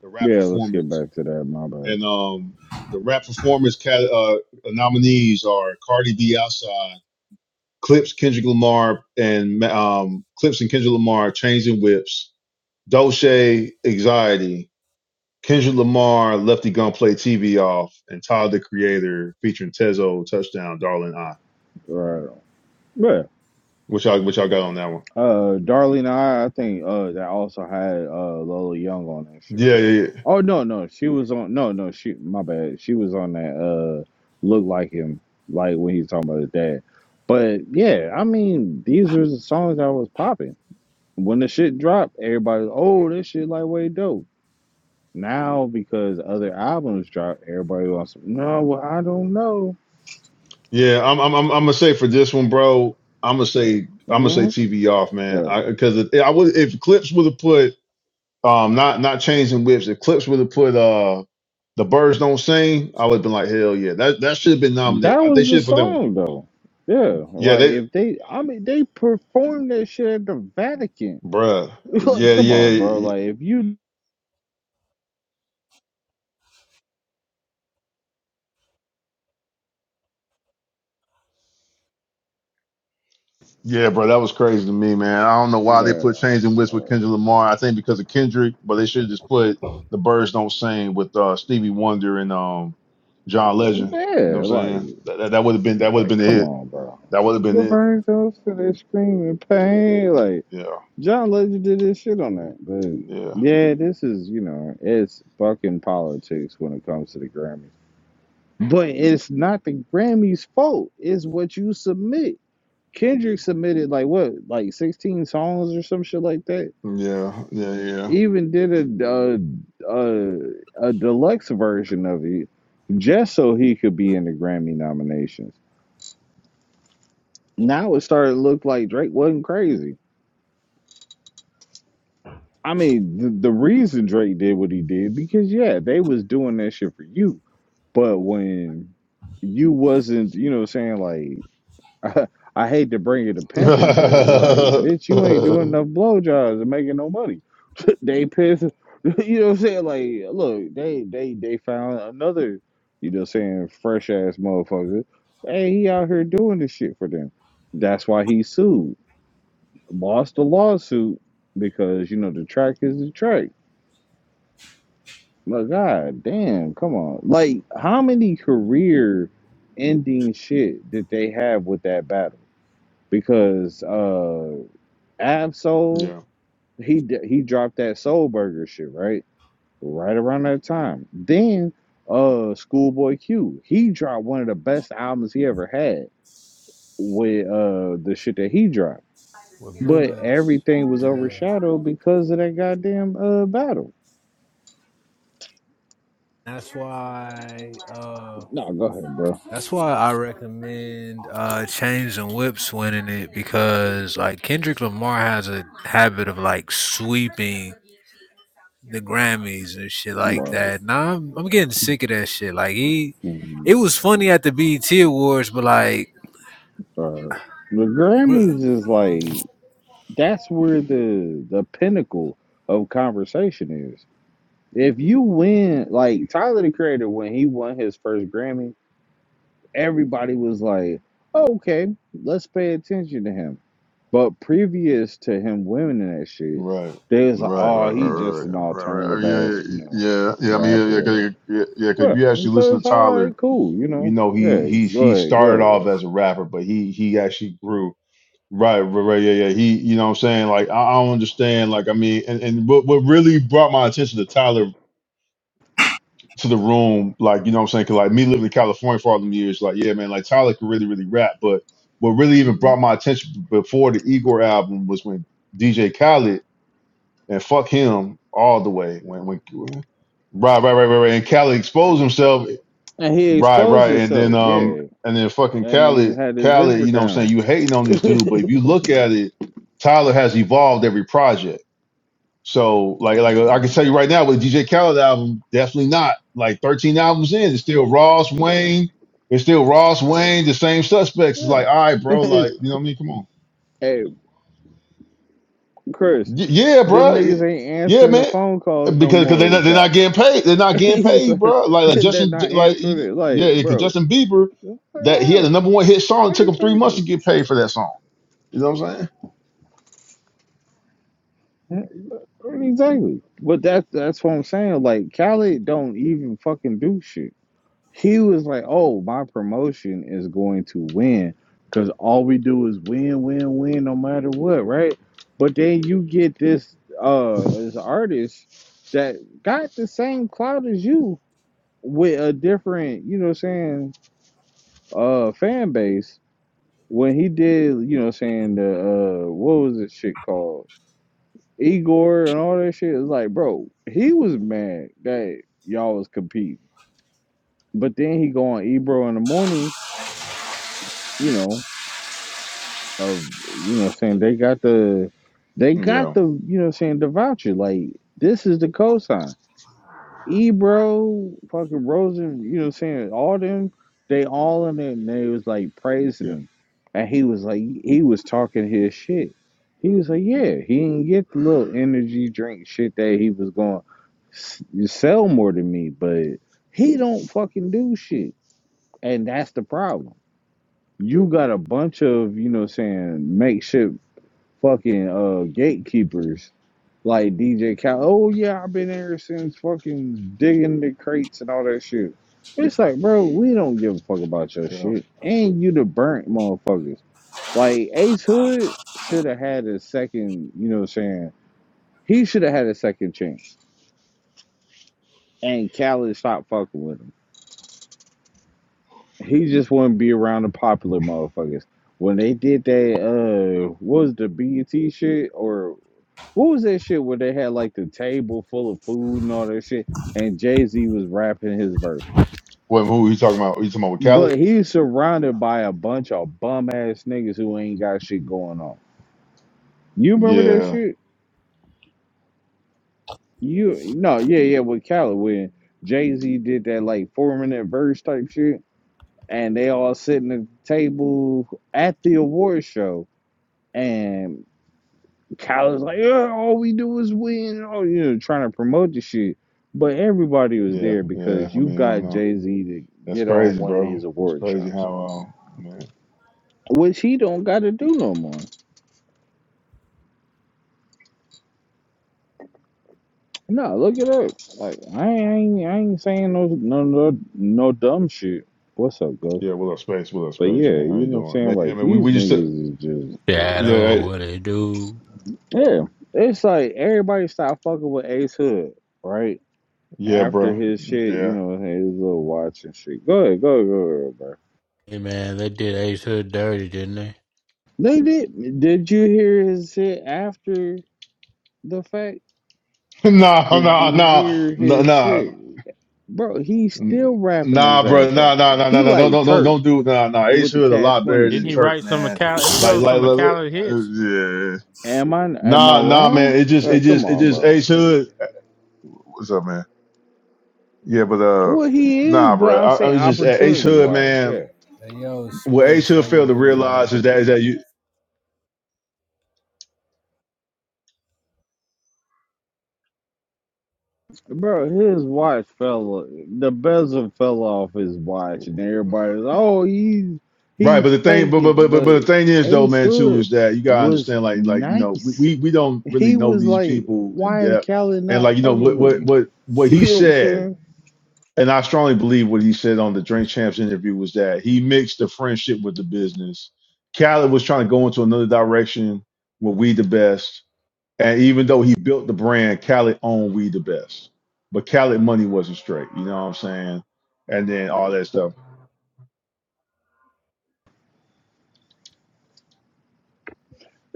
B: the rap
A: Yeah, let's get
B: performance
A: back to that. My bad.
B: And um, the rap performance cat, uh, nominees are Cardi B Outside, Clips, Kendrick Lamar, and um, Clips and Kendrick Lamar, Changing Whips, Dolce, Anxiety, Kendrick Lamar, Lefty Gun Play TV Off, and Todd the Creator featuring Tezo, Touchdown, Darling I.
A: Right. on. Yeah.
B: Which I which I got on that one.
A: Uh, Darlene, I, I think uh that also had uh Lola Young on that shit.
B: Yeah, yeah, yeah.
A: Oh no, no, she was on. No, no, she. My bad. She was on that. Uh, look like him, like when he's talking about his dad. But yeah, I mean, these were the songs that was popping when the shit dropped. Everybody, oh, this shit like way dope. Now because other albums dropped, everybody wants. No, well I don't know.
B: Yeah, I'm I'm I'm, I'm gonna say for this one, bro. I'm gonna say I'm gonna say
A: Well,
B: TV off, man.
A: but
B: I, because I would if Clips would have put Um, not not changing whips. If Clips would have put uh the birds don't sing, I would have been like, hell yeah, that that should have been
A: that
B: nominated. Uh, They
A: was
B: should
A: the
B: have put that one.
A: song though. Yeah,
B: Yeah,
A: like
B: they,
A: if they, I mean, they performed that shit at the Vatican.
B: bruh.
A: like,
B: Yeah,
A: come on, bro.
B: yeah,
A: Like if you,
B: yeah, bro. That was crazy to me, man. I don't know why they
A: uh,
B: put changing whips with Kendrick Lamar. I think because of Kendrick, but they should have just put the birds don't sing with uh Stevie Wonder and um John Legend. You know
A: yeah,
B: what I'm
A: like,
B: saying? That that, that would have been that would have
A: like,
B: been the
A: come
B: hit.
A: on, bro.
B: That would have been
A: The
B: it.
A: burns those to their screaming pain. Like
B: Yeah,
A: John Legend did this shit on that, but
B: yeah,
A: yeah, this is you know it's fucking politics when it comes to the Grammys. But it's not the Grammys' fault. It's what you submit. Kendrick submitted like what, like sixteen songs or some shit like that.
B: yeah, yeah,
A: Even did a a, a, a deluxe version of it, just so he could be in the Grammy nominations. Now it started to look like Drake wasn't crazy. I mean, the, the reason Drake did what he did because yeah, they was doing that shit for you. But when you wasn't, you know, what I'm saying like I I hate to bring it to pimping, but it's like, bitch, you ain't
B: yeah.
A: doing enough blowjobs and making no money. they pissed. You know what I'm saying? Like, look, they they they found another, you know what I'm saying, fresh ass motherfucker. Hey, he out here doing this shit for them. That's why he sued. Lost the lawsuit because, you know, the track is the track. Like, god damn, come on. Like, how many career ending shit did they have with that battle? Because uh Absol,
B: Yeah.
A: he he dropped that Soul Burger shit right, right around that time. Then, uh, Schoolboy Q, he dropped one of the best albums he ever had with uh the shit that he dropped. But everything was overshadowed because of that goddamn uh battle.
D: That's why. Uh,
A: No, go ahead, bro.
D: that's why I recommend uh, Chains and Whips winning it because like Kendrick Lamar has a habit of like sweeping the Grammys and shit like
A: Word.
D: that. Nah, I'm, I'm getting sick of that shit. Like he,
A: Mhm.
D: it was funny at the BET Awards, but like,
A: Word. The
D: bruh.
A: Grammys is like that's where the the pinnacle of conversation is. If you win, like Tyler the Creator, when he won his first Grammy, everybody was like, oh, okay, let's pay attention to him. But previous to him winning that shit,
B: Right.
A: they was like,
B: Right,
A: oh,
B: right, right,
A: he just
B: right,
A: an
B: right, right,
A: alternative
B: right. Yeah,
A: ass,
B: yeah,
A: you
B: yeah.
A: know,
B: yeah, yeah, I mean,
A: rap
B: yeah,
A: or
B: yeah,
A: whatever.
B: 'cause- yeah. yeah, 'cause if
A: Yeah.
B: you
A: And
B: actually
A: So
B: listen
A: it's
B: to
A: all
B: Tyler,
A: right, cool, you
B: you
A: know.
B: know he
A: Yeah,
B: he
A: go
B: he
A: ahead, go
B: started off
A: ahead.
B: as a rapper, but he he actually grew. Right, right, right, yeah, yeah. He, you know, what I'm saying, like, I, I don't understand. Like, I mean, and, and what what really brought my attention to Tyler to the room, like, you know, what I'm saying, 'cause, like me living in California for all them years, like, yeah, man, like Tyler could really, really rap. But what really even
A: Mhm.
B: brought my attention before the Igor album was when DJ Khaled and fuck him all the way. When when right, right, right, right, right. And Khaled exposed himself.
A: And he
B: Right,
A: exposed
B: right. And then
A: himself,
B: um
A: yeah.
B: and then fucking
A: And he
B: Khaled,
A: had his
B: Khaled,
A: zipper
B: you know what I'm
A: down.
B: saying, you hating on this dude, but if you look at it, Tyler has evolved every project. So like like I can
A: Mm,
B: tell you right now with DJ Khaled album, definitely not. Like 13 albums in, it's still Ross, Wayne, it's still Ross, Wayne, the same suspects. It's like, all right,
A: Yeah.
B: bro, like, you know what I mean? Come on.
A: hey, Chris,
B: Y- yeah,
A: them
B: bro.
A: niggas ain't
B: Yeah,
A: answering the
B: man.
A: phone calls no
B: Because cause
A: more
B: they're not
A: with
B: they're not
A: Cali.
B: getting paid. They're not getting
A: He's
B: paid,
A: like,
B: bro. Like like
A: they're
B: Justin,
A: not
B: like you
A: answering it.
B: know,
A: Like,
B: yeah, because
A: bro,
B: Justin Bieber,
A: yeah,
B: that he had the number one hit song. It took him three months to
A: exactly,
B: get paid for that song. You know what I'm
A: exactly. But that's that's what I'm saying. Like, Cali don't even fucking do shit. He was like, oh, my promotion is going to win because all we do is win, win, win, no matter what, right? But then you get this uh this artist that got the same clout as you with a different, you know, what I'm saying uh fan base when he did, you know, what I'm saying the uh what was this shit called Igor and all that shit. It's like, bro, he was mad that y'all was competing, but then he go on Ebro in the morning, you know, of you know, what I'm saying they got the they
B: saying?
A: got
B: Yeah,
A: the you know, what I'm saying the voucher like. This is the cosign. Ebro, fucking Rosen, you know what I'm saying? All them, they all in there and they was like praising
B: yeah,
A: him. And he was like, he was talking his shit. He was like, yeah, he didn't get the little energy drink shit that he was going to sell more than me, but he don't fucking do shit. And that's the problem. You got a bunch of, you know what I'm saying, makeshift fucking uh, gatekeepers like DJ Cal, oh yeah, I've been here since fucking digging the crates and all that shit. It's like, bro, we don't give a fuck about your
B: yeah.
A: shit. And you the burnt motherfuckers. Like Ace Hood should have had a second, you know what I'm saying? He should have had a second chance. And Khaled stopped fucking with him. He just wouldn't be around the popular motherfuckers. When they did that uh what was the BET shit or What was that shit where they had like the table full of food and all that shit, and Jay Z was rapping his verse,
B: What who he talking about? He talking about with Khaled?
A: but he's surrounded by a bunch of bum ass niggas who ain't got shit going on. You remember that
B: Yeah,
A: shit? You no, yeah, yeah, with Khaled when Jay Z did that like four minute verse type shit, and they all sitting at the table at the award show, and Cal is like, yeah, all we do is win. Oh, you know, trying to promote the shit. But everybody was
B: yeah,
A: there
B: yeah.
A: because
B: I
A: you
B: mean, I don't
A: got
B: know.
A: Jay Z to
B: That's
A: get on
B: crazy,
A: one of
B: bro.
A: these
B: It's
A: award
B: crazy
A: shows,
B: how uh, man.
A: which he don't got to do no more. No, look it up. Like I ain't, I ain't saying no, no, no, no dumb shit. What's up, Gus?
B: Yeah, what up, space? What up,
A: But
B: space,
A: yeah,
B: man? How
A: you
B: you
A: know what I'm
B: doing,
A: saying.
B: man? Yeah,
A: Like
B: man. We
A: these
B: we just uh,
A: niggas is just
E: Shadow,
B: yeah
E: what it do?
A: yeah. It's like everybody stopped fucking with Ace Hood, right?
B: yeah,
A: After
B: bro.
A: his shit,
B: Yeah,
A: you know, his little watch and shit. Go ahead, go ahead, go ahead, bro.
E: Hey man, they did Ace Hood dirty, didn't they?
A: They did. Did you hear his shit after the fact?
B: No,
A: Did
B: no,
A: you
B: no,
A: hear
B: no,
A: his shit,
B: no.
A: bro? He's still rapping his
B: Nah, bro,
A: ass off.
B: nah, nah, nah,
A: He
B: nah, nah. nah. Don't,
A: like
B: don't, don't,
A: Turk
B: don't do. Nah, nah. Ace
A: with the
B: Hood a
A: Cash
B: lot
A: Money
B: better than
E: Didn't he
A: shit.
B: Turk,
E: write some
B: man.
E: Macau? He
B: Like,
E: wrote
B: like,
E: some
B: like, like
E: Macau hits.
B: yeah.
A: Am I am I
B: Nah, nah,
A: wrong?
B: man. It just, it
A: Like, come
B: just, it
A: on,
B: just
A: bro.
B: Ace Hood. What's up, man? Yeah, but uh,
A: Well, he is,
B: nah,
A: but
B: bro.
A: I'm
B: I, I
A: saying
B: was just uh, Ace
A: opportunity
B: Hood,
A: wise,
B: man.
A: yeah,
D: hey, yo,
B: What Ace
D: Space,
B: Hood
D: how you
B: failed to
D: doing,
B: realize
D: man?
B: is that is that you
A: bro. His watch fell. The bezel fell off his watch, and everybody's oh, he's
B: Right, but
A: he's
B: the thing, but, but
A: faking.
B: but but
A: But
B: but the thing is though,
A: Ace
B: man, too,
A: Hood
B: is that you gotta
A: was
B: understand, like like you know, we
A: nice.
B: we, we don't really
A: He
B: know
A: was
B: these
A: like,
B: people in
A: why is
B: depth,
A: Callie
B: and
A: not
B: like you know
A: fucking
B: what
A: with
B: what
A: me?
B: what what
A: You
B: he
A: know what I'm
B: said,
A: saying?
B: and I strongly believe what he said on the Drink Champs interview was that he mixed the friendship with the business. Khaled was trying to go into another direction with We the Best, and even though he built the brand, Khaled owned We the Best, but Khaled money wasn't straight. You know what I'm saying? And then all that stuff.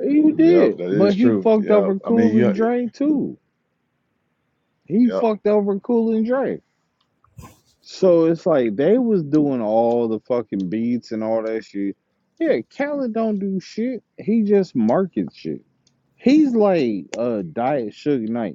A: He
B: Yep,
A: did.
B: that is
A: But he
B: true.
A: fucked
B: Yep.
A: over
B: I mean,
A: Cool and
B: yeah.
A: Dre too. He
B: Yep.
A: fucked over Cool and Dre. So it's like they was doing all the fucking beats and all that shit. Yeah, Khaled don't do shit. He just markets shit. He's like a uh, diet Suge Knight.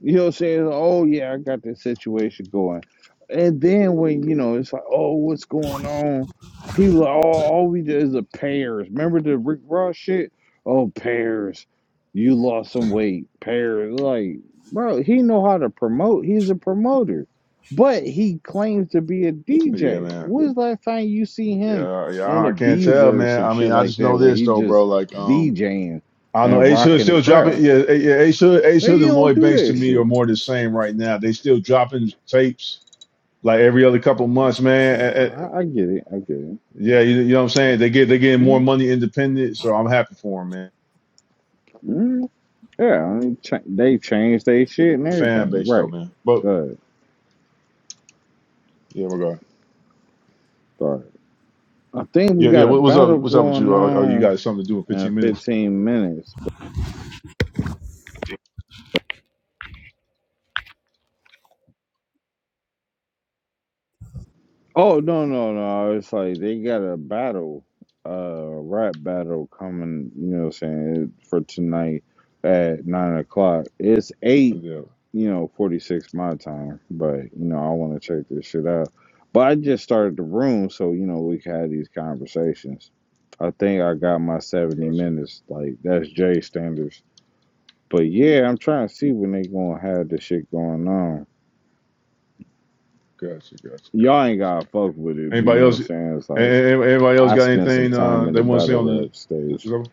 A: You know what I'm saying? Oh yeah, I got this situation going. And then when you know it's like, oh, what's going on? He was like, oh, all we did is the pairs. Remember the Rick Ross shit? Oh, pairs. You lost some weight. Pairs. Like, bro, he know how to promote. He's a promoter, but he claims to be a
B: Yeah,
A: DJ.
B: man.
A: When's the last time you see him
B: Yeah,
A: in
B: yeah. I
A: a
B: can't tell,
A: Beezer or
B: man.
A: some
B: I mean,
A: shit
B: I
A: like
B: just
A: that,
B: know
A: where
B: this
A: he
B: though, bro.
A: just
B: Like, um,
A: DJing
B: I know
A: and
B: Ace Hood
A: rocking the
B: still dropping.
A: crowd?
B: Yeah, A- yeah. Ace Hood, Ace
A: They
B: Hood, and
A: don't
B: Lloyd
A: do
B: Banks to
A: that
B: me are
A: shit.
B: more the same right now. They still dropping tapes like every other couple months, man. Eh, eh,
A: I, I get it. I get it.
B: yeah, you, you know what I'm saying. They get they getting more
A: mm
B: money independent, so I'm happy for them, man.
A: mm Yeah, I mean, cha- they changed their shit and
B: Fan
A: everything.
B: base though,
A: Right.
B: man. But
A: Good.
B: yeah, we're going.
A: Sorry. I think we
B: Yeah, yeah.
A: got a
B: What, what's
A: battle
B: up? What's up with
A: going
B: you? Oh, oh, you
A: on
B: got something to do in
A: in
B: 15 minutes?
A: 15 minutes. oh, no, no, no. It's like they got a battle, uh, rap battle coming, you know what I'm saying, for tonight at 9 o'clock. It's
B: Oh,
A: 8
B: Yeah,
A: you know, 46 my time, but you know, I want to check this shit out. But I just started the room, so you know, we can have these conversations. I think I got my
B: I
A: 70
B: got you.
A: minutes, like that's Jay standards. But yeah, I'm trying to see when they gonna have this shit going on.
B: Got you. Got you. Got you. Got
A: Y'all ain't
B: you.
A: gotta fuck with it, but you
B: Anybody
A: know what I'm
B: else? a-
A: saying? It's like
B: a- Anybody else
A: I
B: got
A: spent some
B: anything uh,
A: time in
B: they
A: the
B: want to say
A: battle
B: on the?
A: rap
B: the
A: stage.
B: show?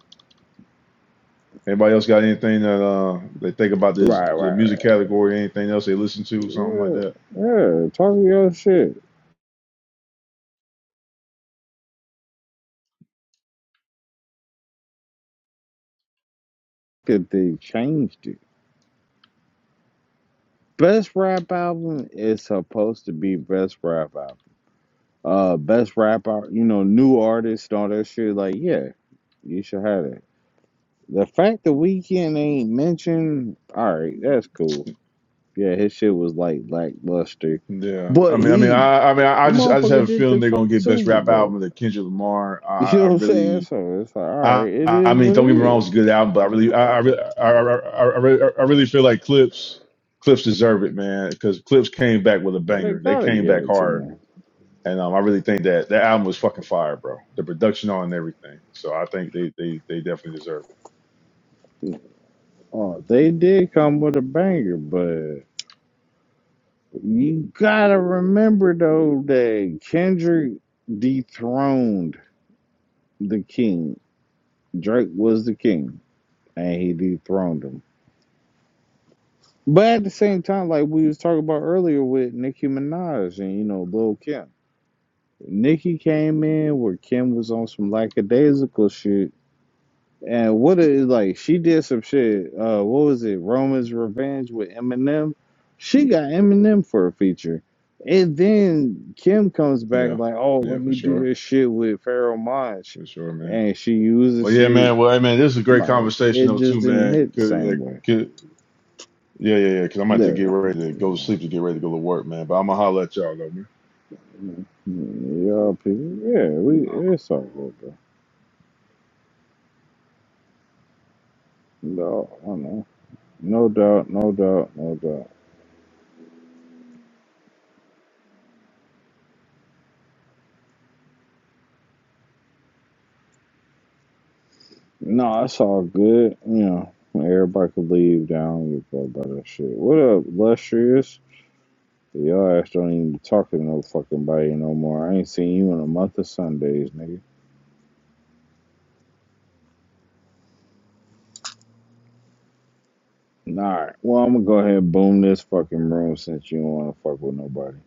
B: Anybody else got anything that uh, they think about this
A: Right,
B: the
A: right,
B: music
A: right.
B: category? Anything else they listen to? Something like
A: Yeah,
B: that.
A: yeah. Talk your shit. Good they changed it. Best rap album is supposed to be best rap album. Uh, best rap al- you know, new artists, all that shit. Like, yeah, you should have it. The fact the weekend ain't mentioned, all right, that's cool. Yeah, his shit was like lackluster,
B: Yeah, I
A: but
B: mean, I mean,
A: he,
B: I, I mean, I
A: the
B: just, I just have
A: motherfucker,
B: a
A: did the
B: feeling they're
A: fucking
B: gonna get best
A: Super
B: rap
A: Bowl.
B: album to Kendrick Lamar.
A: You
B: I,
A: know
B: I
A: what I'm saying?
B: really,
A: So it's like, all
B: I,
A: right, it
B: I
A: is
B: mean,
A: what
B: don't
A: it
B: get me wrong,
A: is.
B: it's a good album, but I really, I, I, really- I, I, I, I really I really feel like Clips, Clips deserve it, man, because Clips came back with a
A: They
B: banger. They
A: gotta
B: came
A: give
B: back
A: it to
B: hard
A: him.
B: And um, I really think that that album was fucking fire, bro. The production on and everything. So I think they they they definitely deserve
A: Oh, they did come with a banger, but. You gotta remember though that Kendrick dethroned the king. Drake was the king, and he dethroned him. But at the same time, like we was talking about earlier with Nicki Minaj and you know Lil Kim, Nicki came in where Kim was on some lackadaisical shit, And what is like she did some shit. Uh, what was it? Roman's Revenge with Eminem. She got Eminem for a feature, and then Kim comes
B: it.
A: back
B: Yeah,
A: like, "Oh,
B: yeah,
A: let
B: for
A: me do
B: sure,
A: this shit with Pharoah Monch,"
B: for sure, man.
A: and she uses
B: Well, yeah,
A: shit
B: man. Well, hey, man, this is a great
A: like
B: conversation
A: it
B: though,
A: just
B: too,
A: didn't
B: man.
A: hit the
B: Could, yeah,
A: same way.
B: could, yeah, yeah, yeah. Because I'm about to
A: Yeah,
B: get ready to go to sleep to get ready to go to work, man. But I'm gonna holler at y'all though, man.
A: y'all people. Yeah, we
B: All right.
A: it's all good though. No, I know. No doubt, no doubt, no doubt. No, it's all good. You know, everybody could leave down give a fuck about that shit. What up, Lustrious? Y'all ass don't even be talking to no fucking body no more. I ain't seen you in a month of Sundays, nigga. Alright, well, I'm gonna go ahead and boom this fucking room since you don't wanna fuck with nobody.